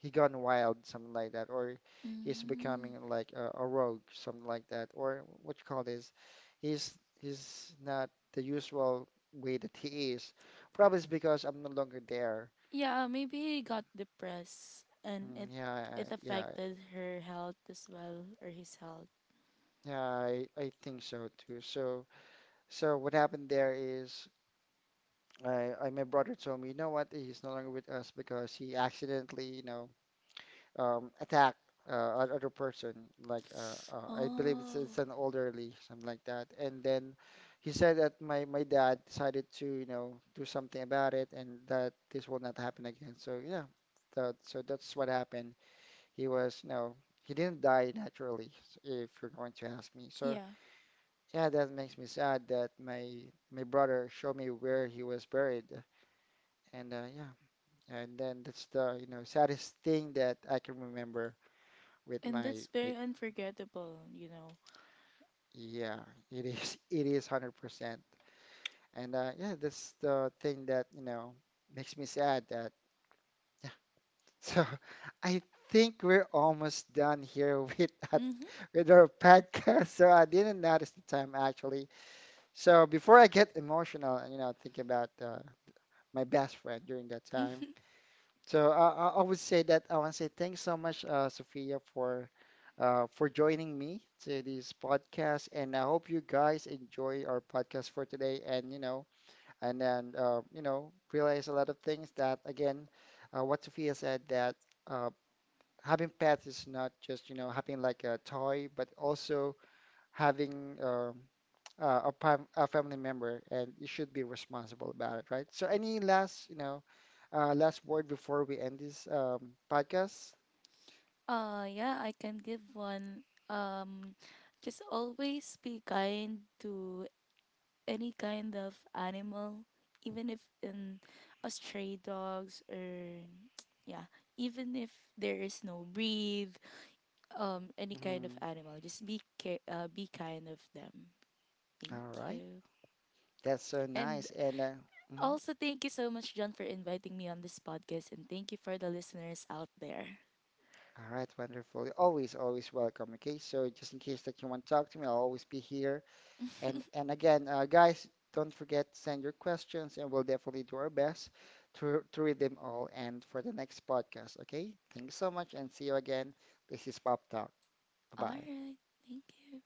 A: he gone wild, something like that, or he's
B: Mm,
A: becoming like a rogue, something like that, or what you call this, he's not the usual way that he is. Probably it's because I'm no longer there.
B: yeah, maybe he got depressed, and
A: Mm,
B: it
A: yeah yeah
B: affected her health as well, or his health.
A: Yeah, I think so too. So so what happened there is, I my brother told me, you know what, he's no longer with us because he accidentally, you know, attack, an other person. Like, I believe
B: Oh,
A: it's an elderly, something like that. And then he said that my dad decided to, you know, do something about it, and that this will not happen again. So yeah, so that's what happened. He was, you know, he didn't die naturally, if you're going to ask me. So
B: yeah.
A: yeah, that makes me sad that my brother showed me where he was buried, and yeah. And then that's the, you know, saddest thing that I can remember with
B: And
A: my,
B: that's
A: my
B: very unforgettable, you know.
A: Yeah, it is. It is 100%. And yeah, that's the thing that, you know, makes me sad that, yeah. So I think we're almost done here with that,
B: Mhm.
A: with our podcast. So I didn't notice the time actually. So before I get emotional, you know, think about my best friend during that time.
B: Mhm.
A: So I would say that I want to say thanks so much, Sophia, for joining me to this podcast, and I hope you guys enjoy our podcast for today. And you know, and then you know, realize a lot of things that, again, what Sophia said, that uh, having pets is not just, you know, having like a toy, but also having a family member, and you should be responsible about it, right? So, any last, you know, last word before we end this podcast?
B: Uh, yeah, I can give one. Um just always be kind to any kind of animal, even if in a stray dogs or yeah, even if there is no breed, any kind of
A: Mhm.
B: animal. Just be care, be kind of them. Thank
A: All right,
B: you.
A: that's so
B: And
A: nice. And mhm.
B: also, thank you so much, John, for inviting me on this podcast, and thank you for the listeners out there.
A: All right, wonderful. Always, always welcome. Okay, so just in case that you want to talk to me, I'll always be here. And again, guys, don't forget send your questions, and we'll definitely do our best to read them all and for the next podcast. Okay, thanks so much, and see you again. This is Pop Talk. Bye
B: All
A: bye.
B: right. Thank you.